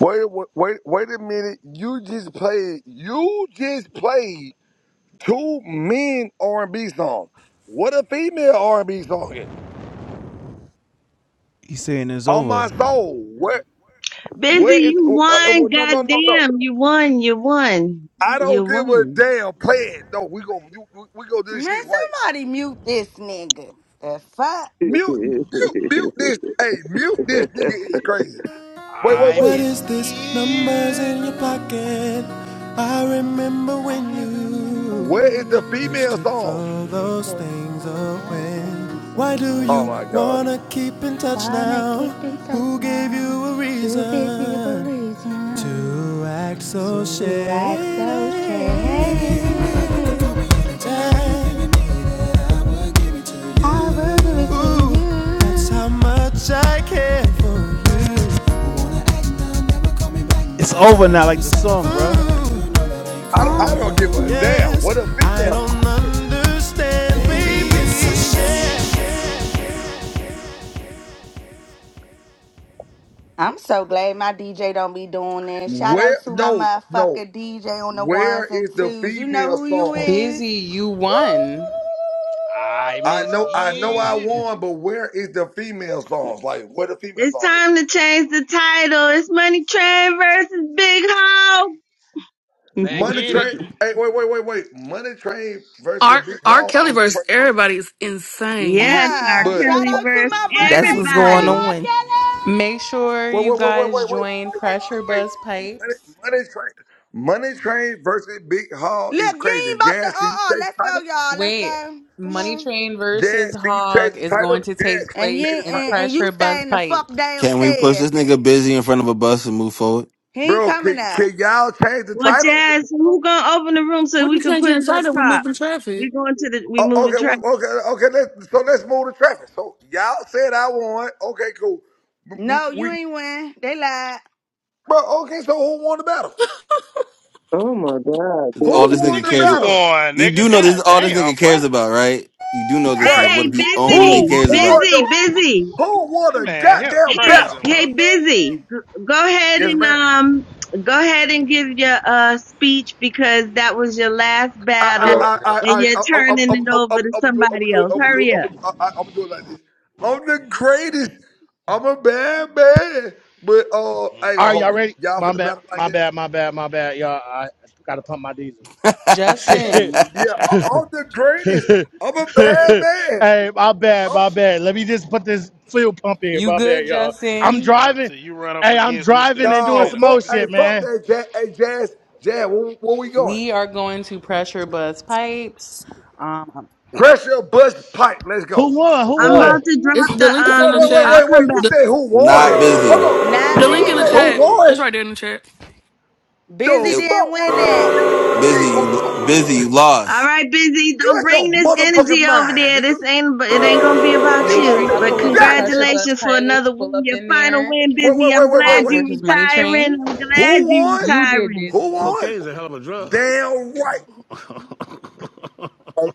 H: Wait, a- wait, wait a minute. You just played. You just played two men R and B songs. What a female R and B song is.
D: He's saying it's
H: On my
D: over.
H: soul. What?
W: Busy,
H: Where is?
W: you
H: Uh, uh, well,
W: won,
H: no, no, no, no.
W: goddamn, you won, you won.
H: I
W: You
H: don't give a
W: won.
H: damn. Play it. No, we go we, we gonna do this
R: Man,
H: shit right.
R: somebody mute this nigga. The fuck?
H: Mute, mute, mute
Q: [LAUGHS]
H: this. Hey, mute this nigga is crazy. Wait, wait,
S: I
H: wait.
X: What
S: miss
X: is this? Numbers in your
S: you.
X: pocket. I remember when
R: I remember
X: you
H: Where
R: when
H: is the
X: used
H: female
R: you.
X: to
H: songs?
X: throw
R: You
X: those
R: said
X: things
R: all those
X: away.
R: things
X: Why do
H: Oh
X: you
H: my
R: away.
H: god.
X: wanna keep in touch
R: Why not
X: now?
R: keeping touch
X: Who gave
R: now?
X: you a
R: Who gave you the
X: reason
R: reason
X: to act so
R: to act
X: shady.
R: so shady? I will give it to
X: Ooh, that's how
R: you.
X: much I care for you.
D: It's over now, like the song, bruh.
H: I
X: Ooh,
R: I
H: don't, I don't give a
R: will.
H: damn.
X: yes,
H: What a
X: I
H: female.
X: don't understand, baby. It's a shame.
R: I'm so glad my DJ don't be doing this. Shout out
H: Where?
R: to my
H: No, no.
R: motherfucker DJ on the
H: Where
R: ones and
H: is the
R: twos. You know
H: female
R: who you
H: song?
R: is.
A: Busy, you
R: Ooh.
A: won.
S: I
H: I
S: miss
H: know, I know, I
S: you.
H: won, but where is the female songs? Like, where the female
W: It's
H: songs at?
W: time to change the title. It's Money Train versus Big Ho. [LAUGHS]
S: Let's
H: Money
S: get it.
H: Train. Hey, wait, wait, wait, wait. Money Train versus
I: R
H: Big
I: R
H: Hall
I: Kelly
H: is
I: versus
H: crazy.
I: everybody is
R: [LAUGHS]
I: insane.
W: yes, R.
R: Huh.
H: But
R: Shout
W: Kelly
R: out to
W: versus
R: my
P: That's
R: birthday
P: what's
R: twin,
P: going
W: everybody.
R: R.
P: on.
A: Make sure
H: Wait,
A: you
H: wait, wait, wait,
A: guys
H: wait, wait,
A: join
H: wait, wait,
A: Pressure
H: wait, wait,
A: Buzz
H: wait. Money,
A: Pipes.
H: money train, money train versus Big Hall
R: Kelly.
H: is
R: Look, you
H: crazy.
R: ain't about to.
H: Jazz,
R: Uh
H: can you
R: uh-uh. uh.
H: change
R: let us
H: the
R: go,
H: title?
R: y'all. Let's
A: Wait,
R: go. Come
A: Money
R: on.
A: Train versus
H: Jazz, can you
A: Hog
H: change the
A: is
H: title?
A: going to
H: Jazz,
A: take
H: can you
R: And
A: place
R: you
H: change the
R: ain't-
A: in
H: title?
R: and, and you
A: Pressure Buzz
R: staying the fuck
A: Pipes.
U: Can we push
R: downstairs.
U: this nigga busy in front of a bus and move forward?
R: He ain't
H: Bro, can,
R: coming up.
H: can y'all change the
W: Well,
H: title?
W: Jazz, who gonna open the room so
I: What
W: we
I: you
W: can
I: changing
W: put it up
I: inside of? We
W: top?
I: moving
W: We
I: traffic.
W: going to the we
H: Oh,
W: moving
H: okay, we
W: track.
H: okay, okay. Let's, so let's move the traffic. So y'all said I won. Okay, cool. We
R: No, you
H: we
R: ain't win. They lied.
H: bro. Okay, so who won the battle?
Q: oh my
U: It's all
H: Who
U: this
Q: god.
H: won
U: nigga
H: the
S: Nigga,
U: cares.
S: you
H: battle?
S: won,
U: You do
S: nigga.
U: know this
S: God
U: is all this
S: damn,
U: nigga
S: boy.
U: cares about, right? You do know this is
H: Right.
W: Hey,
U: what he
R: [LAUGHS]
U: only
H: Who
W: busy,
U: cares about.
H: won
W: busy,
H: the
W: busy.
H: Who won
S: That
H: the
S: man hell
H: goddamn
W: Hey,
S: crazy,
H: battle?
S: bro.
W: hey, busy. G- Go ahead
H: Yes,
W: and
H: ma'am.
W: um, go ahead and give your uh speech because that was your last
H: I
N: Yeah,
W: battle
H: I
N: yeah,
H: I
W: and
H: I
W: you're
H: I I'm
W: turning
H: I'm
W: it
H: I'm
W: over
H: I'm
W: to
H: I'm gonna do I'm gonna
W: somebody
H: do
W: else.
H: I'm gonna do
W: Hurry
H: I'm
W: up.
H: gonna I- I- I'm gonna do it like this. I'm the greatest. I'm a bad man, but uh, I
S: Mm.
H: ain't
E: All
H: gonna
E: right, y'all
H: hold you.
E: ready?
H: y'all
E: My
H: for the
E: bad.
H: battle like
E: My
H: that.
E: bad. My bad. My bad. Y'all, I gotta pump my diesel.
U: [LAUGHS]
E: Shit.
A: Justin,
H: Yeah,
E: [LAUGHS]
H: I,
E: hey,
H: I'm the greatest. I'm a bad man.
E: my bad.
H: I'm
E: My
H: the,
E: bad. Let me just put this fuel pump in.
A: you
E: My bad,
A: good,
E: y'all. I'm
A: Justin?
S: Yeah,
E: driving.
S: till you run up
E: Hey, I'm
S: against Mr.
E: driving and doing
H: no,
E: some
S: Instigator,
E: more
H: fuck,
S: nigga.
H: hey,
E: shit,
H: fuck
E: man.
H: that, Jazz. Hey, Jazz, Jazz, where, where we going?
A: We are going to Pressure Buzz Pipes. Um,
H: Pressure bust pipe. Let's go.
E: Who won? Who
W: I'm
E: won?
W: about to
I: It's
W: drop the
I: the link
H: Wait,
I: is in
W: um.
I: the
H: wait, wait,
W: I'll
I: chat.
H: wait,
W: come
H: wait. You
W: back.
I: The
H: said who
U: Not
H: won?
U: busy.
H: Hold
R: Not
H: on.
I: the link
H: You
I: in the
H: said
R: busy.
H: who
I: chat.
H: won?
I: It's right there in the chat.
R: Busy
H: The
U: It,
R: didn't
H: fuck wrong
R: win
H: with you,
R: that.
H: nigga? What you
U: busy.
H: mean? Who
U: You, lo-
H: won?
U: busy. You lost.
W: All right, busy.
H: You
W: Don't
H: out your
W: bring this
H: motherfucking
W: energy over
H: mind,
W: there.
H: nigga.
W: This ain't. ab- It ain't gonna be about
H: You
A: make
H: out
A: sure
W: you.
A: y'all
H: your
W: But
A: pull up to Pressure
H: goddamn
A: Buzz
W: congratulations for
A: Pipes.
W: another
A: Pull
W: win.
A: up
W: Your
A: in
W: final
A: there.
W: win,
H: mind. Wait,
W: busy.
H: wait,
W: I'm
H: wait, wait, wait,
W: glad
A: Hog
H: wait.
W: you
A: versus Money
W: retiring.
A: Train.
W: I'm glad
H: Who
W: you
H: won?
A: You did,
W: retiring.
H: Who
A: busy.
H: won?
X: Cocaine's a hell of a drug.
H: Damn right. Uh,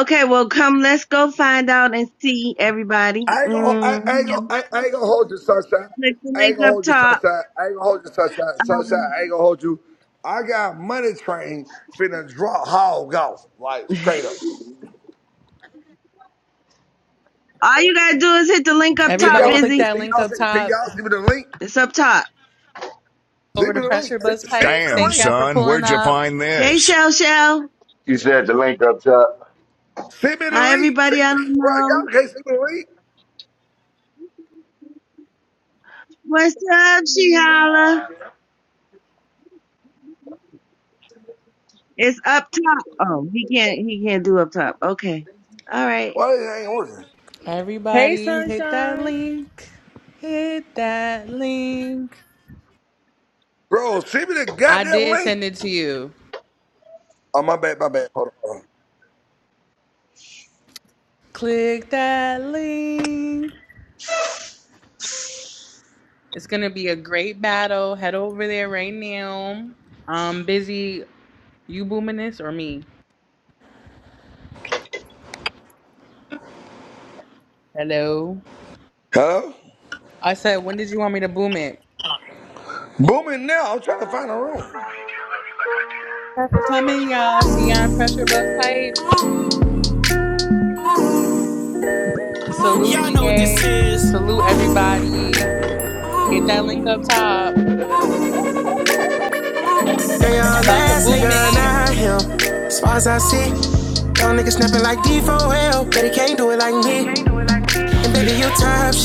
W: Okay, well, come. Let's go find out and see everybody.
H: I ain't gonna, I,
W: Mm,
H: I ain't gonna, I, I ain't gonna hold you, sunshine.
W: click the
H: I ain't
W: link
H: gonna
W: up
H: hold you,
W: top.
H: sunshine. I ain't gonna hold you, sunshine. Sunshine, I ain't
W: Um,
H: gonna hold you. I got money train finna drop hog off, like straight up.
W: all you gotta do is hit the link up
N: yeah,
H: Can
W: top,
A: Everybody
H: y'all,
N: love.
H: can
A: click
W: busy.
A: that link
H: y'all,
A: up
H: can
A: top.
H: y'all send me the link?
W: It's up top.
A: Over
H: Send
A: to
H: me the link.
A: Pressure
H: Send
A: Buzz
H: send me
A: Pipes.
H: the
A: Thank
H: link.
A: y'all for pulling up.
W: Hey, Shell, Shell.
N: You said the link up, Chuck.
H: Send me the
W: Hi,
H: link.
W: everybody.
H: Send,
W: I don't
H: bro,
W: know.
H: y'all can't send me the link.
W: What's up, Shiala?
E: Wow.
W: It's up top. Oh, he can't. He can't do up top. Okay. All right.
H: Why it ain't working?
L: Hey,
A: Everybody hit that
L: sunshine.
A: link. Hit that link.
H: Bro, send me the
A: I
H: goddamn
A: did
H: link.
A: send it to you.
H: Oh, my bad, my bad. Hold on.
A: Click that link. It's going to be a great battle. Head over there right now. I'm busy. You booming this or me? Hello.
H: Hello?
A: I said, when did you want me to boom it?
H: Booming now. I'm trying to find a room.
A: Thanks for coming, y'all. See ya on Pressure bust Pipe. Salute,
X: Y'all know what this
A: GA.
X: is.
A: Salute, everybody. Get that link up top.
X: They all
A: I'm about to
X: last
A: boom
X: nigga,
A: it.
X: not him. As far as I see, y'all niggas snapping like D4L, but he can't do it like me. And baby, you top shit.